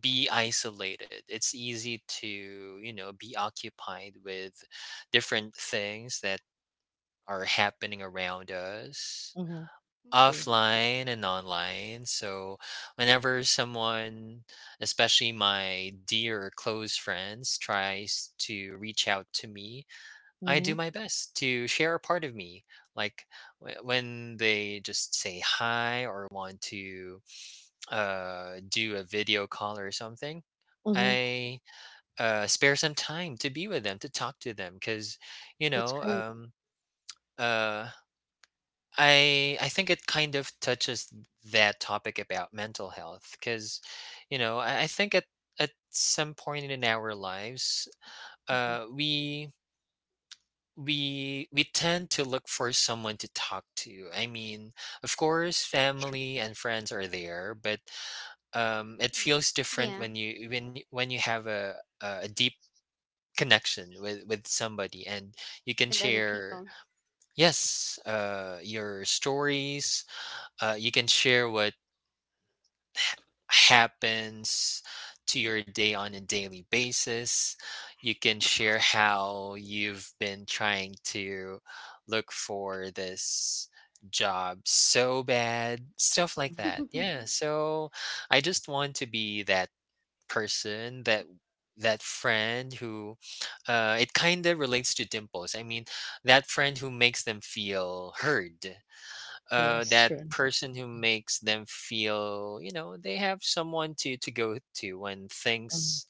S2: be isolated. It's easy to, you know, be occupied with different things that are happening around us,
S3: Mm-hmm. True.
S1: Hmm.
S2: offline and online. So, whenever someone, especially my dear or close friends, tries to reach out to me, I
S3: Mm-hmm.
S2: do my best to share a part of me. Like when they just say hi or want to do a video call or something,
S3: Mm-hmm.
S2: I spare some time to be with them, to talk to them. Because, you
S3: That's
S2: know,
S3: great.
S2: uh, I think it kind of touches that topic about mental health. Because, you know, I think at some point in our lives,
S3: hmm
S2: uh, we we we tend to look for someone to talk to. I mean, of course family and friends are there, but
S1: Hmm.
S2: it feels
S1: Yeah.
S2: different when when you have a deep connection with somebody and you
S1: With
S2: can
S1: other people.
S2: share, yes, your stories. You can share what happens to your day on a daily basis. You can share how you've been trying to look for this job so bad, stuff like
S1: Are
S2: that. Yeah, so I just want to be that person that that friend who it kind of relates to Dimples. I mean that friend who makes them feel heard,
S3: Yes,
S2: that
S3: true.
S2: person who makes them feel you know they have someone to go to when
S3: hmm
S2: things,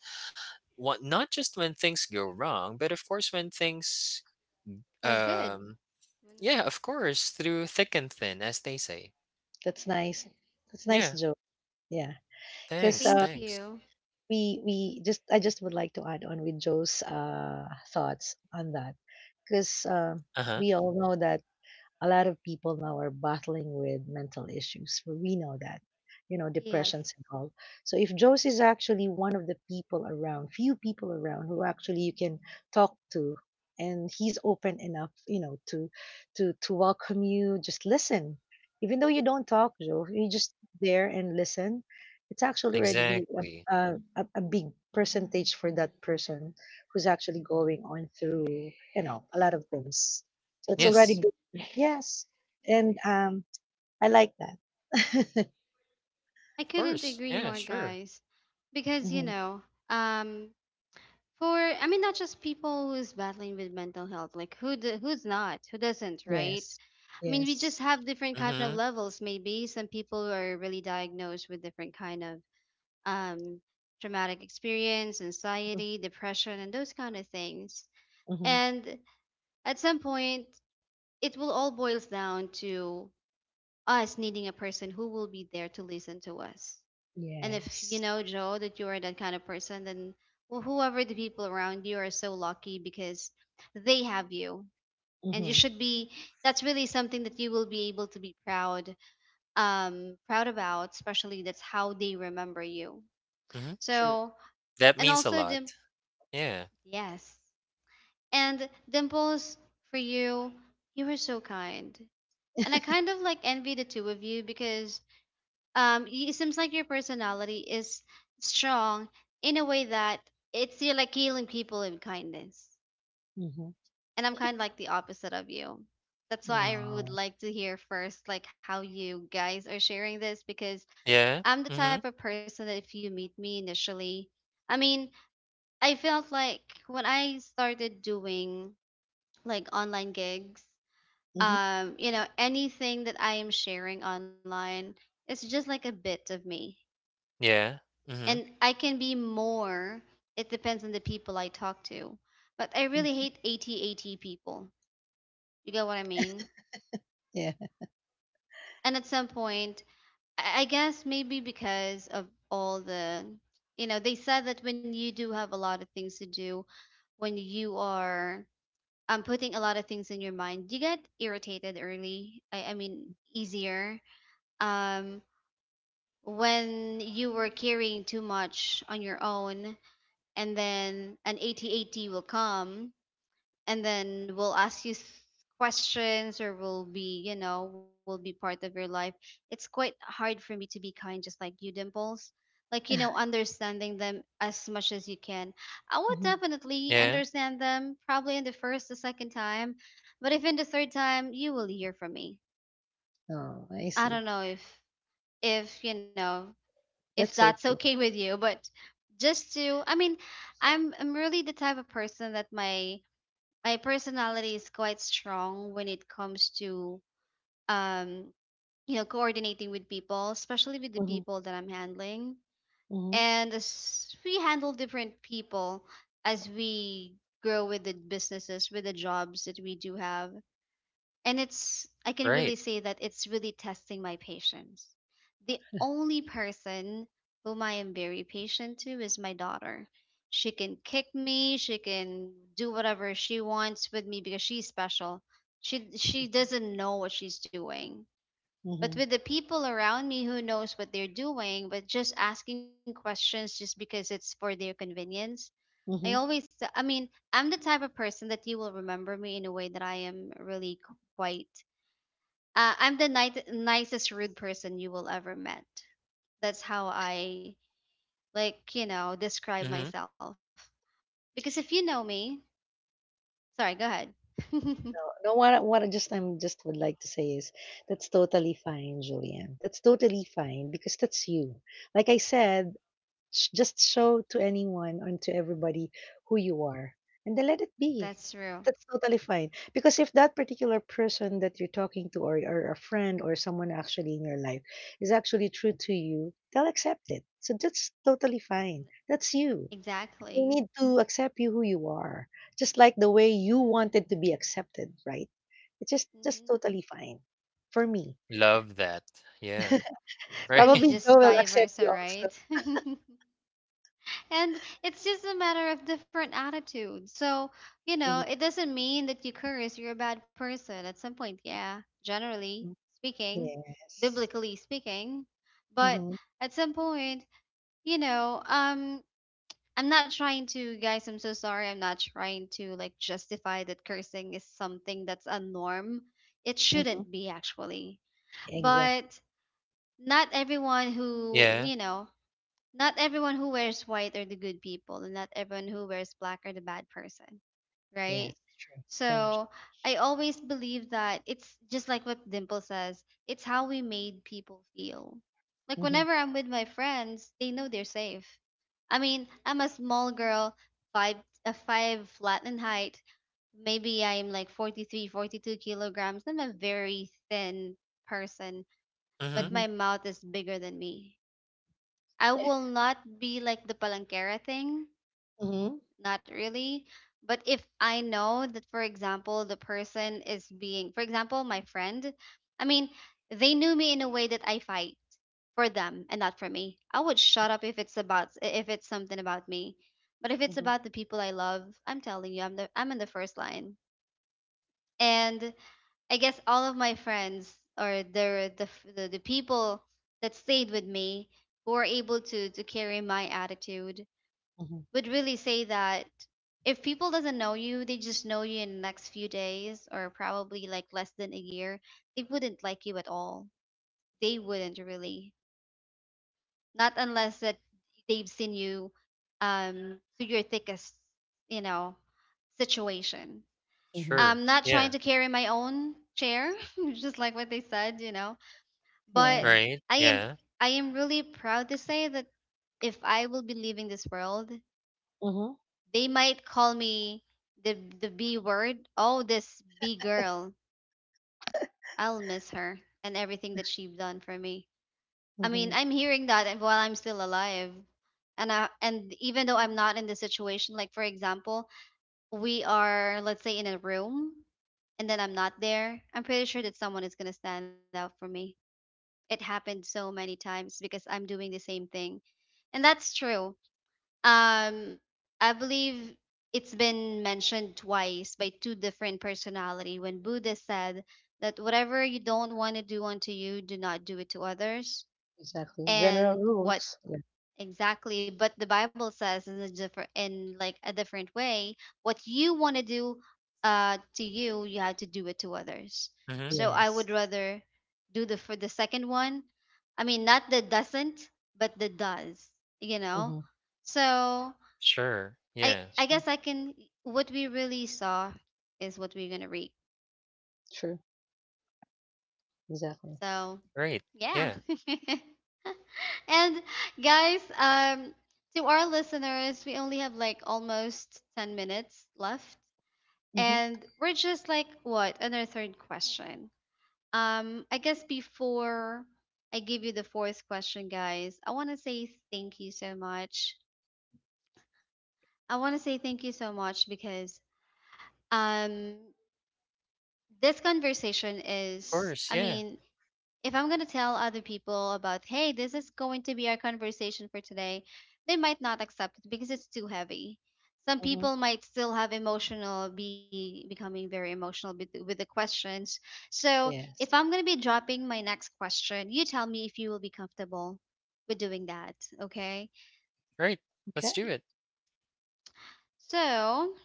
S2: what not just when things go wrong but of course when things
S1: good.
S2: um
S1: Mm.
S2: yeah of course through thick and thin as they say
S3: That's nice. That's nice,
S2: yeah
S3: Joe. Yeah, because,
S2: thanks
S1: Thank
S2: thanks
S1: you.
S3: we just I just would like to add on with Joe's thoughts on that, because,
S2: uh-huh
S3: we all know that a lot of people now are battling with mental issues. We know that, you know,
S1: Yes.
S3: depressions and all. So if Josie is actually one of the people around, few people around who actually you can talk to, and he's open enough, you know, to to welcome you. Just listen, even though you don't talk, Joe, you just there and listen. It's actually already be a,
S2: exactly
S3: a big percentage for that person who's actually going on through, you know, a lot of things. So it's already.
S1: Hmm.
S2: yes
S3: Yes. And I like that.
S1: I
S2: of
S1: couldn't
S2: course
S1: agree more,
S2: yeah sure
S1: guys. Because,
S3: hmm
S1: um, I mean, not just people who's battling with mental health, like who, who's not, who doesn't, right?
S3: Yes.
S1: I mean, we
S3: Yes.
S1: just have different kind of
S2: mm-hmm
S1: levels. Maybe some people are really diagnosed with different kind of um, traumatic experience, anxiety, depression, and those kind of things.
S3: Mm-hmm.
S1: And at some point, it will all boils down to us needing a person who will be there to listen to us. And if you
S3: Yes.
S1: know, Joe, that you are that kind of person, then, well, whoever the people around you are so lucky because they have you. And you
S3: hmm
S1: should be, that's really something that you will be able to be proud about, especially that's how they remember you.
S2: mm-hmm
S3: True.
S1: So,
S2: that
S1: and
S2: means a
S1: also,
S2: lot yeah
S1: Yes. And Dimples, for you, you were so kind, and I kind of like envy the two of you because it seems like your personality is strong in a way that it's you're like healing people in kindness.
S3: hmm
S1: And I'm kind of like the opposite of you. That's why I would
S3: No.
S1: like to hear first like how you guys are sharing this because
S2: yeah
S1: I'm the type
S2: mm-hmm
S1: of person that if you meet me initially, I mean, I felt like when I started doing like online gigs
S3: hmm
S1: you know anything that I am sharing online, it's just like a bit of me.
S2: yeah mm-hmm
S1: And I can be more, it depends on the people I talk to, but I really hate 80-80 people, you get what I mean.
S3: Yeah.
S1: And at some point, I guess maybe because of all the, you know, they said that when you do have a lot of things to do, when you are putting a lot of things in your mind, you get irritated I mean easier um when you were carrying too much on your own, and then an 8080 will come and then will ask you questions, or will be, you know, will be part of your life. It's quite hard for me to be kind just like you, Dimples, like, you know, understanding them as much as you can. I would
S3: hmm
S1: definitely
S2: yeah
S1: understand them probably in the first, the second time, but if in the third time you will hear from me,
S3: Oh, I
S1: I
S3: see.
S1: don't know if you know, if
S3: That's
S1: that's
S3: okay.
S1: okay with you. But just to, I mean, I'm really the type of person that my personality is quite strong when it comes to, um you know, coordinating with people, especially with the
S3: hmm
S1: people that I'm handling.
S3: hmm
S1: And as we handle different people, as we grow with the businesses, with the jobs that we do have, and it's, I can
S2: right
S1: really say that it's really testing my patience. The only person whom I am very patient to is my daughter. She can kick me, she can do whatever she wants with me because she's special. She doesn't know what she's doing. But
S3: hmm
S1: with the people around me who knows what they're doing, but just asking questions just because it's for their convenience.
S3: hmm
S1: I mean, I'm the type of person that you will remember me in a way that I am really quite I'm the nicest rude person you will ever met. That's how I, like, you know, describe
S2: mm-hmm
S1: myself. Because if you know me, sorry, go ahead.
S3: No, no, what I just, I'm just would like to say is that's totally fine, Julian. That's totally fine because that's you. Like I said, just show to anyone and to everybody who you are, and then let it
S1: That's
S3: be.
S1: true.
S3: That's totally fine because if that particular person that you're talking to, or a friend, or someone actually in your life is actually true to you, they'll accept it. So that's totally fine. That's you. They
S1: Exactly.
S3: need to accept you who you are, just like the way you wanted to be accepted, right? It's just
S1: Hmm.
S3: just totally fine for me.
S2: love that yeah.
S1: It's
S2: Right.
S1: really
S3: Probably Joe
S1: just
S3: will
S1: vice
S3: accept
S1: versa,
S3: you also.
S1: right? And it's just a matter of different attitudes. So, you know, it
S3: Exactly.
S1: doesn't mean that you curse, you're a bad person at some point. Yeah, generally speaking,
S3: Yes.
S1: biblically speaking. But
S3: Mm-hmm.
S1: at some point, you know, I'm not trying to, guys, I'm so sorry. I'm not trying to like justify that cursing is something that's a norm. It
S3: Mm-hmm.
S1: shouldn't be actually.
S3: Exactly.
S1: But not everyone who,
S2: Yeah.
S1: you know, not everyone who wears white are the good people, and not everyone who wears black are the bad person,
S3: Yes.
S1: right?
S3: True. Don't.
S1: So I always believe that it's just like what Dimple says, it's how we made people feel. Like
S3: Mm-hmm.
S1: whenever I'm with my friends, they know they're safe. I mean, I'm a small girl, five, a five flat in height. Maybe I'm like 43, 42 kilograms. I'm a very thin person,
S2: Mhm.
S1: but
S3: Mm-hmm.
S1: my mouth is bigger than me. I will not be like the palanquera thing,
S3: Mm-hmm.
S1: not really. But if I know that, for example, the person is being, for example, my friend, I mean, they knew me in a way that I fight for them and not for me. I would shut up if it's about, if it's something about me. But if it's
S3: Mm-hmm.
S1: about the people I love, I'm telling you, I'm in the first line. And I guess all of my friends or the people that stayed with me, who were able to carry my attitude,
S3: Mm-hmm.
S1: would really say that if people doesn't know you, they just know you in the next few days or probably like less than a year, they wouldn't like you at all. They wouldn't really. Not unless that they've seen you through your thickest, you know, situation.
S3: Hmm.
S2: Sure.
S1: I'm not trying
S2: Yeah.
S1: to carry my own chair, just like what they said, you know.
S3: Yeah.
S1: But
S2: Right.
S1: I am
S2: Yeah.
S1: I am really proud to say that if I will be leaving this world,
S3: Mm-hmm.
S1: they might call me the the B word. Oh, this B girl. I'll miss her and everything that she's done for me. I
S3: Mm-hmm.
S1: mean, I'm hearing that and while I'm still alive. And I, and even though I'm not in the situation, like for example, we are, let's say, in a room and then I'm not there, I'm pretty sure that someone is gonna stand out for me. It happened so many times because I'm doing the same thing. And that's true. Um, I believe it's been mentioned twice by two different personality when Buddha said that whatever you don't want to do unto you, do not do it to others.
S3: Exactly. General
S1: And what
S3: rules. Yeah.
S1: exactly? But the Bible says in a different, in like a different way, what you want to do, to you, you have to do it to others.
S2: Mhm.
S1: So I
S3: Yes.
S1: would rather do the, for the second one. I mean, not the doesn't, but the does. You know.
S3: Mm-hmm.
S1: So
S2: Sure.
S1: I
S2: Yeah.
S1: I
S3: True.
S1: guess I can. What we really saw is what we're gonna reap.
S3: True. Exactly.
S1: So
S2: Right.
S1: yeah.
S2: Yeah.
S1: And guys, to our listeners, we only have like almost 10 minutes left,
S3: Mm-hmm.
S1: and we're just like what on our third question. I guess before I give you the fourth question, guys, I want to say thank you so much. I want to say thank you so much because um this conversation
S2: Of
S1: is,
S2: course.
S1: I
S2: Yeah.
S1: mean, if I'm going to tell other people about, hey, this is going to be our conversation for today, they might not accept it because it's too heavy. Some
S3: Mhm.
S1: people might still have emotional, be becoming very emotional with the questions. So if
S3: Yes.
S1: I'm going to be dropping my next question, you tell me if you will be comfortable with doing that. Okay.
S2: Right. Let's
S3: Okay.
S2: do it.
S1: So,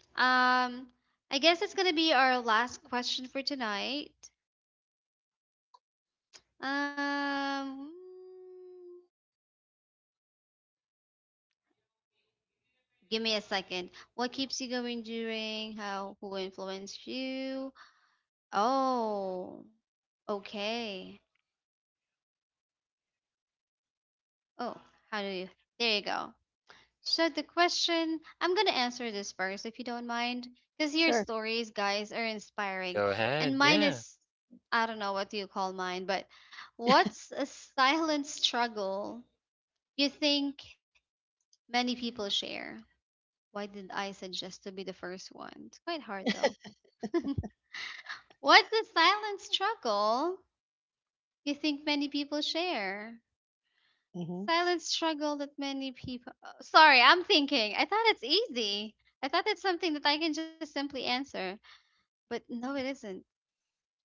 S1: I guess it's going to be our last question for tonight. Um, Give me a second. What keeps you going during? How? Who influenced you? Oh, okay. Oh, how do you? There you go. So the question, I'm gonna answer this first, if you don't mind, because your
S3: Sure.
S1: stories, guys, are inspiring,
S2: Go ahead.
S1: and mine
S2: Yeah.
S1: is, I don't know what you call mine, but what's a silent struggle you think many people share? Why did I suggest to be the first one? It's quite hard though. What's the silent struggle you think many people share?
S3: Mhm.
S1: Silent struggle that many people. Sorry, I'm thinking. I thought it's easy. I thought it's something that I can just simply answer, but no, it isn't.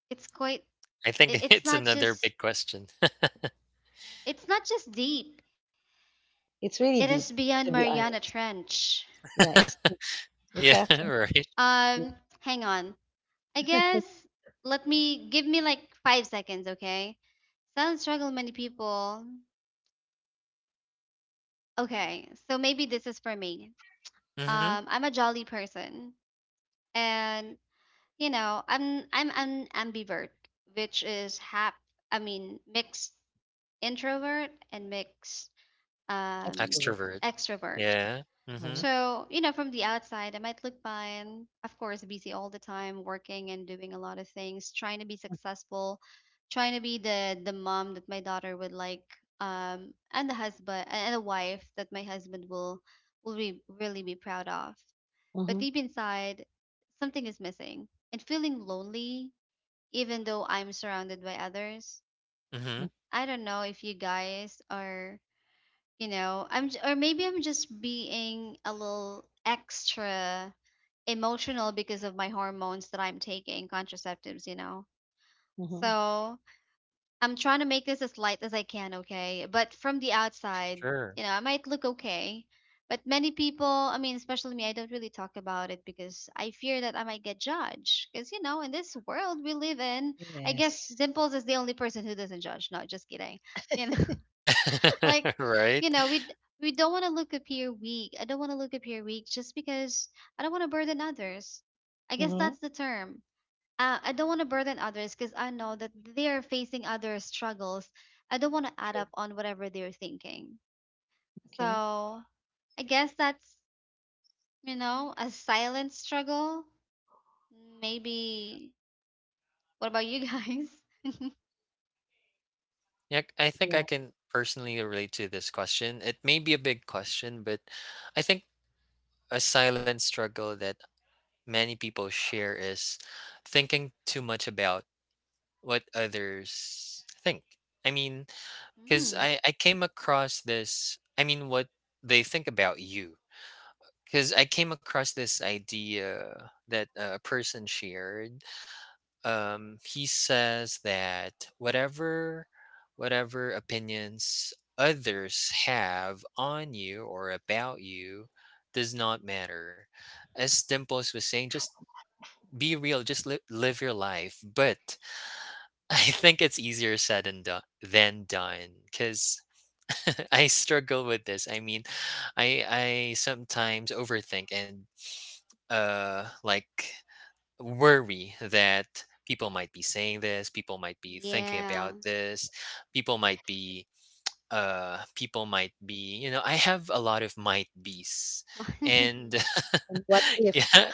S1: It's quite.
S2: I think
S1: It's
S2: it's
S1: not
S2: another
S1: just.
S2: big question.
S1: It's not just deep.
S3: It's
S1: It
S3: really
S1: is
S3: deep,
S1: beyond
S3: to be
S1: Mariana
S3: honest.
S1: Trench.
S3: Yeah, it's
S2: Yeah.
S3: It's actually
S2: Right.
S1: Um,
S3: the
S1: hang on. I guess, let me, give me like 5 seconds, okay? Silent struggle many people. Okay, so maybe this is for me.
S2: Mhm.
S1: I'm a jolly person, and you know, I'm an ambivert, which is half. I mean, mixed introvert and mixed, um,
S3: extra work.
S2: Extrovert.
S1: extrovert.
S2: Yeah. Mhm.
S3: Mhm,
S1: So you know, from the outside, I might look fine. Of course, busy all the time, working and doing a lot of things, trying to be
S3: mm,
S1: successful, trying to be the mom that my daughter would like, and the husband and the wife that my husband will be really be proud of. But
S3: mhm,
S1: deep inside, something is missing. And feeling lonely, even though I'm surrounded by others.
S2: Mhm.
S3: mm,
S1: I don't know if you guys are, you know, or maybe I'm just being a little extra emotional because of my hormones that I'm taking, contraceptives, you know.
S3: mhm.
S1: So, I'm trying to make this as light as I can, okay? But from the outside,
S2: Sure.
S1: you know, I might look okay. But many people, I mean, especially me, I don't really talk about it because I fear that I might get judged. Because, you know, in this world we live in, I guess
S3: Yes.
S1: Dimples is the only person who doesn't judge. No, just kidding. You know,
S2: Yeah.
S1: like,
S2: Right.
S1: you know, we don't want to look appear weak. I don't want to look appear weak just because I don't want to burden others. I guess that's
S3: Mhm.
S1: the term, I don't want to burden others because I know that they are facing other struggles. I don't want to add
S3: True.
S1: up on whatever they're thinking.
S3: Okay.
S1: So I guess that's, you know, a silent struggle. Maybe. What about you guys?
S2: Yeah. I think I
S3: Yeah.
S2: can personally relate to this question. It may be a big question, but I think a silent struggle that many people share is thinking too much about what others think. I mean, because
S1: Mm,
S2: I came across this, I mean, what they think about you. Because I came across this idea that a person shared. He says that whatever, whatever opinions others have on you or about you does not matter. As Dimples was saying, just be real, just live your life, but I think it's easier said and than done because I struggle with this I mean i I sometimes overthink and like worry that people might be saying this, people might be thinking about
S1: yeah.
S2: this, people might be people might be you know I have a lot of might be's and
S3: And what if
S2: yeah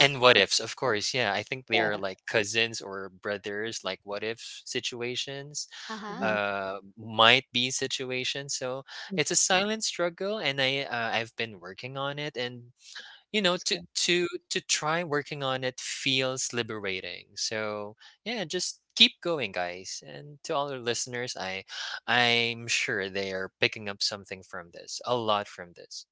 S2: and what ifs of course yeah I think they
S3: yeah.
S2: are like cousins or brothers, like what if situations,
S1: Uh-huh.
S3: Uh-huh.
S2: might be situations, so
S3: Mm.
S2: it's a silent struggle and I I've been working on it and you know
S3: That's
S2: to
S3: good.
S2: try working on it feels liberating so yeah just keep going guys and to all our listeners I I'm sure they are picking up something from this, a lot from this.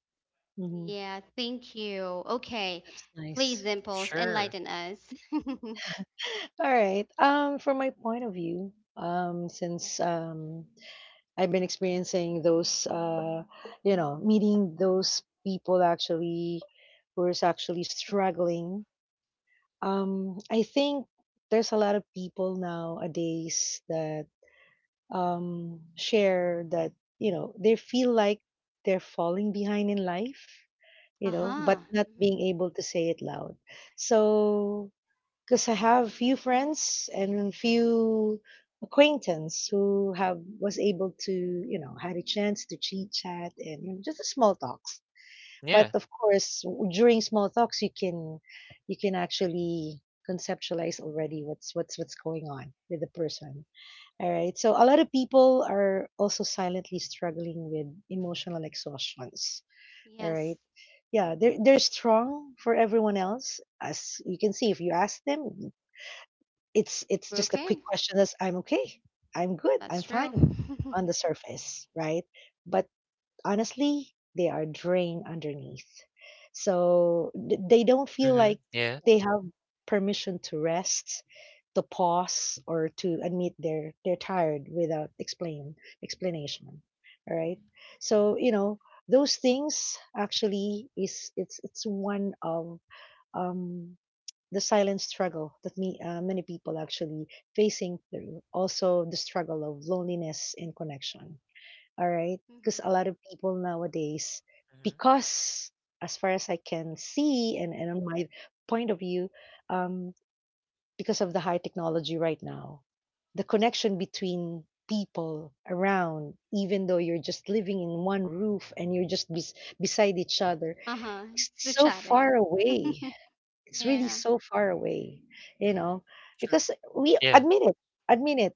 S3: Mhm.
S1: Yeah, thank you. Okay.
S3: That's
S1: Please,
S3: nice.
S1: Dimples,
S2: Sure
S1: enlighten us.
S3: All right. From my point of view, since I've been experiencing those, you know, meeting those people actually who is actually struggling. I think there's a lot of people nowadays that share that you know they feel like they're falling behind in life, you know,
S1: Uh-huh.
S3: but not being
S1: Hmm.
S3: able to say it loud. So because I have few friends and few acquaintance who have was able to, you know, had a chance to chit chat and, you know, just a small talks, but
S2: yeah
S3: of course during small talks you can, you can actually conceptualize already what's going on with the person. All right. So a lot of people are also silently struggling with emotional exhaustions. All right.
S1: Yes.
S3: Yeah, they're strong for everyone else. As you can see, if you ask them, it's
S1: We're
S3: just a quick
S1: okay.
S3: question as I'm okay, I'm good,
S1: That's
S3: I'm
S1: true.
S3: fine
S1: Hmm.
S3: on the surface, right? But honestly, they are drained underneath. So they don't feel
S2: mm-hmm.
S3: like
S2: Yeah
S3: they have permission to rest, to pause, or to admit they're tired without explain explanation. All right. So you know those things actually is it's one of um, the silent struggle that me many people actually facing through. Also the struggle of loneliness and connection. All right. Because a lot of people nowadays,
S2: mm-hmm.
S3: because as far as I can see, and on my point of view, um, because of the high technology right now, the connection between people around, even though you're just living in one roof and you're just beside each other,
S1: Uh-huh.
S3: it's
S1: It's the
S3: so far
S1: chatting.
S3: away. It's really
S1: Yeah,
S3: so far away, you know, because
S2: Sure
S3: we
S2: yeah
S3: admit it, admit it,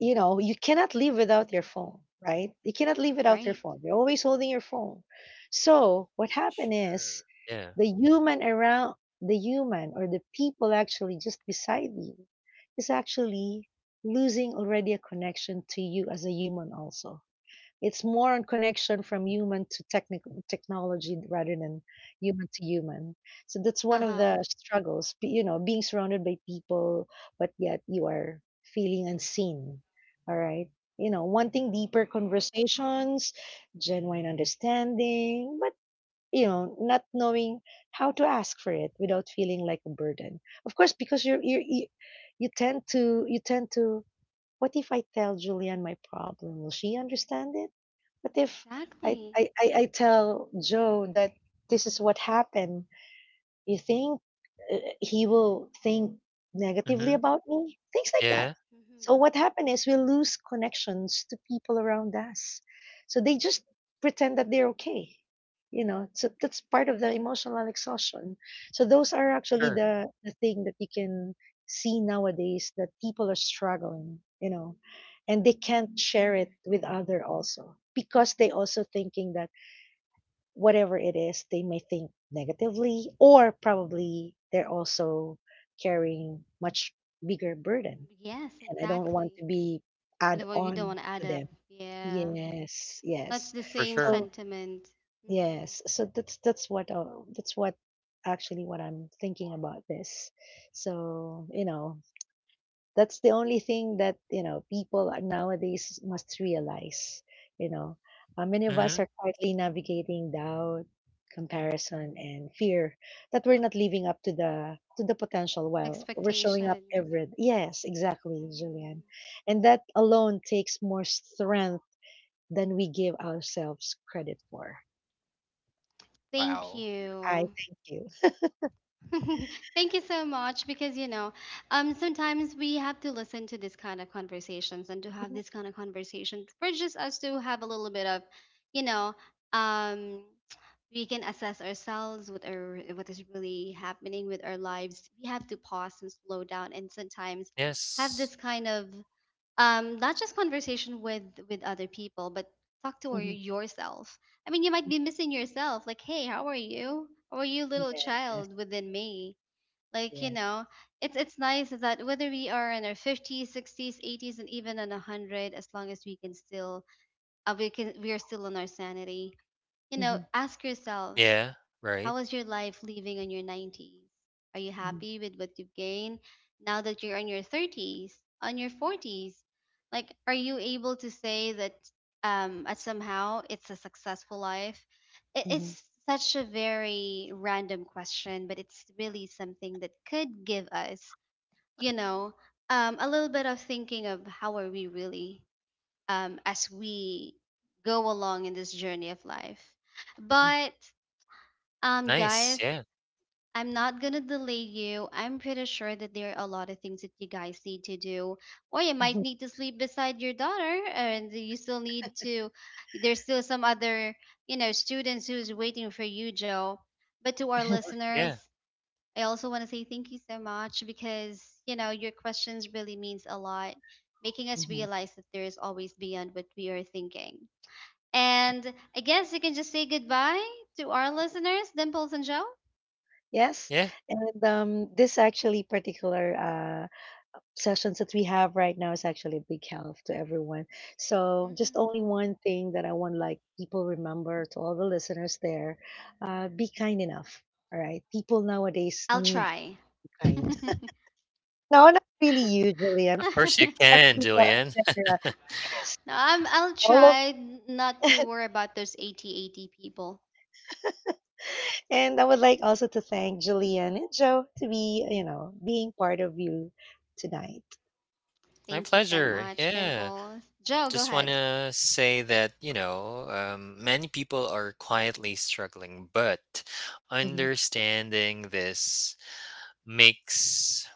S3: you know, you cannot live without your phone, right? You cannot live without your
S1: right.
S3: phone. You're always holding your phone. So what happened is
S2: sure yeah
S3: the human around the human or the people actually just beside you is actually losing already a connection to you as a human also. It's more on connection from human to technical technology rather than human to human. So that's one of
S1: Uh-huh.
S3: the struggles, you know, being surrounded by people, but yet you are feeling unseen. All right. You know, wanting deeper conversations, genuine understanding, but, you know, not knowing how to ask for it without feeling like a burden. Of course, because you you tend to, what if I tell Julian my problem? Will she understand it? What if
S1: Exactly.
S3: I tell Joe that this is what happened? You think he will think negatively
S2: mm-hmm.
S3: about me? Things like that.
S2: Yeah
S3: So
S1: Mm-hmm.
S3: what happened is we lose connections to people around us. So they just pretend that they're okay. You know, so that's part of the emotional exhaustion. So those are actually
S2: sure
S3: the thing that you can see nowadays that people are struggling, you know, and they can't share it with other also because they also thinking that whatever it is, they may think negatively, or probably they're also carrying much bigger burden,
S1: Yes,
S3: and I don't want to
S1: exactly.
S3: be add
S1: And well, you don't
S3: on
S1: want to
S3: to
S1: add up.
S3: them.
S1: Yeah.
S3: Yes,
S1: That's
S3: yes.
S1: the
S2: for
S1: same
S3: So
S2: sure
S1: sentiment. Mm-hmm.
S3: yes, so that's what that's what actually what I'm thinking about this. So you know, that's the only thing that, you know, people are nowadays must realize, you know. Many of us
S2: mm-hmm.
S3: are quietly navigating doubt, comparison, and fear that we're not living up to the potential while we're showing up
S1: Expectations.
S3: every yes, exactly, Julian.
S1: Mm-hmm.
S3: And that alone takes more strength than we give ourselves credit for.
S1: Thank
S2: Wow
S3: I
S1: you.
S3: thank you.
S1: Thank you so much because you know, sometimes we have to listen to this kind of conversations and to have
S3: Mhm,
S1: this kind of conversations for just us to have a little bit of, you know, um, we can assess ourselves with our what is really happening with our lives. We have to pause and slow down and sometimes have this
S2: yes
S1: kind of not just conversation with other people but talk to your-,
S3: mhm.
S1: yourself. I mean, you might be missing yourself, like, hey, how are you, how are you little
S3: Yes,
S1: child within me, like, you
S3: yes.
S1: know, it's nice that whether we are in our 50s, 60s, 80s, and even in 100, as long as we can still, we can, we are still in our sanity, you know,
S3: Mm-hmm,
S1: ask yourself
S2: yeah right
S1: how was your life living in your 90s? Are you
S3: mm-hmm,
S1: happy with what you've gained now that you're in your 30s, on your 40s? Like, are you able to say that, at somehow it's a successful life? It,
S3: mm-hmm,
S1: it's such a very random question, but it's really something that could give us, you know, a little bit of thinking of how are we really, as we go along in this journey of life. But
S2: nice
S1: guys,
S2: yeah
S1: I'm not going to delay you. I'm pretty sure that there are a lot of things that you guys need to do. Or you might
S3: mm-hmm.
S1: need to sleep beside your daughter, and you still need to, there's still some other, you know, students who's waiting for you, Joe. But to our listeners,
S2: yeah
S1: I also want to say thank you so much because, you know, your questions really means a lot, making us
S3: Mm-hmm.
S1: realize that there is always beyond what we are thinking. And I guess you can just say goodbye to our listeners, Dimples and Joe.
S3: Yes,
S2: yeah
S3: and this actually particular sessions that we have right now is actually a big help to everyone. So, just only
S1: Hmm.
S3: one thing that I want like people remember to all the listeners there: be kind enough. All right, people nowadays
S1: I'll
S3: need to
S1: try.
S3: be
S1: No,
S3: kind. No, not really usually. I'm
S2: of course
S3: this
S2: you
S3: is
S2: can,
S3: actually more of
S2: Julian.
S3: general. Yes,
S1: I'm, I'll
S3: all of,
S1: try not to worry about those 8080 people.
S3: and I would like also to thank Julian and Joe to be you know being part of you tonight.
S2: My
S1: Thank you so
S2: pleasure.
S1: much,
S2: Yeah.
S1: Dimples. Joe, go
S2: Just want
S1: ahead.
S2: to say that, you know, many people are quietly struggling, but
S3: Mm-hmm.
S2: understanding this makes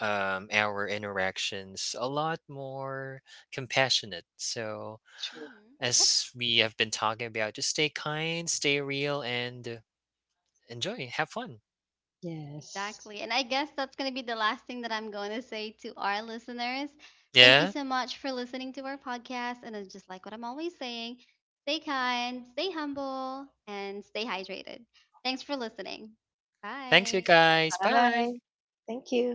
S2: our interactions a lot more compassionate. So,
S3: Sure.
S1: Hmm. Yep,
S2: as we have been talking about, just stay kind, stay real, and enjoy. Have fun.
S3: Yes.
S1: exactly. And I guess that's going to be the last thing that I'm going to say to our listeners. Thank you
S2: Yeah.
S1: so much for listening to our podcast. And it's just like what I'm always saying, stay kind, stay humble, and stay hydrated. Thanks for listening.
S2: Thanks, you
S1: Bye.
S2: guys. Bye.
S3: Bye. Thank you.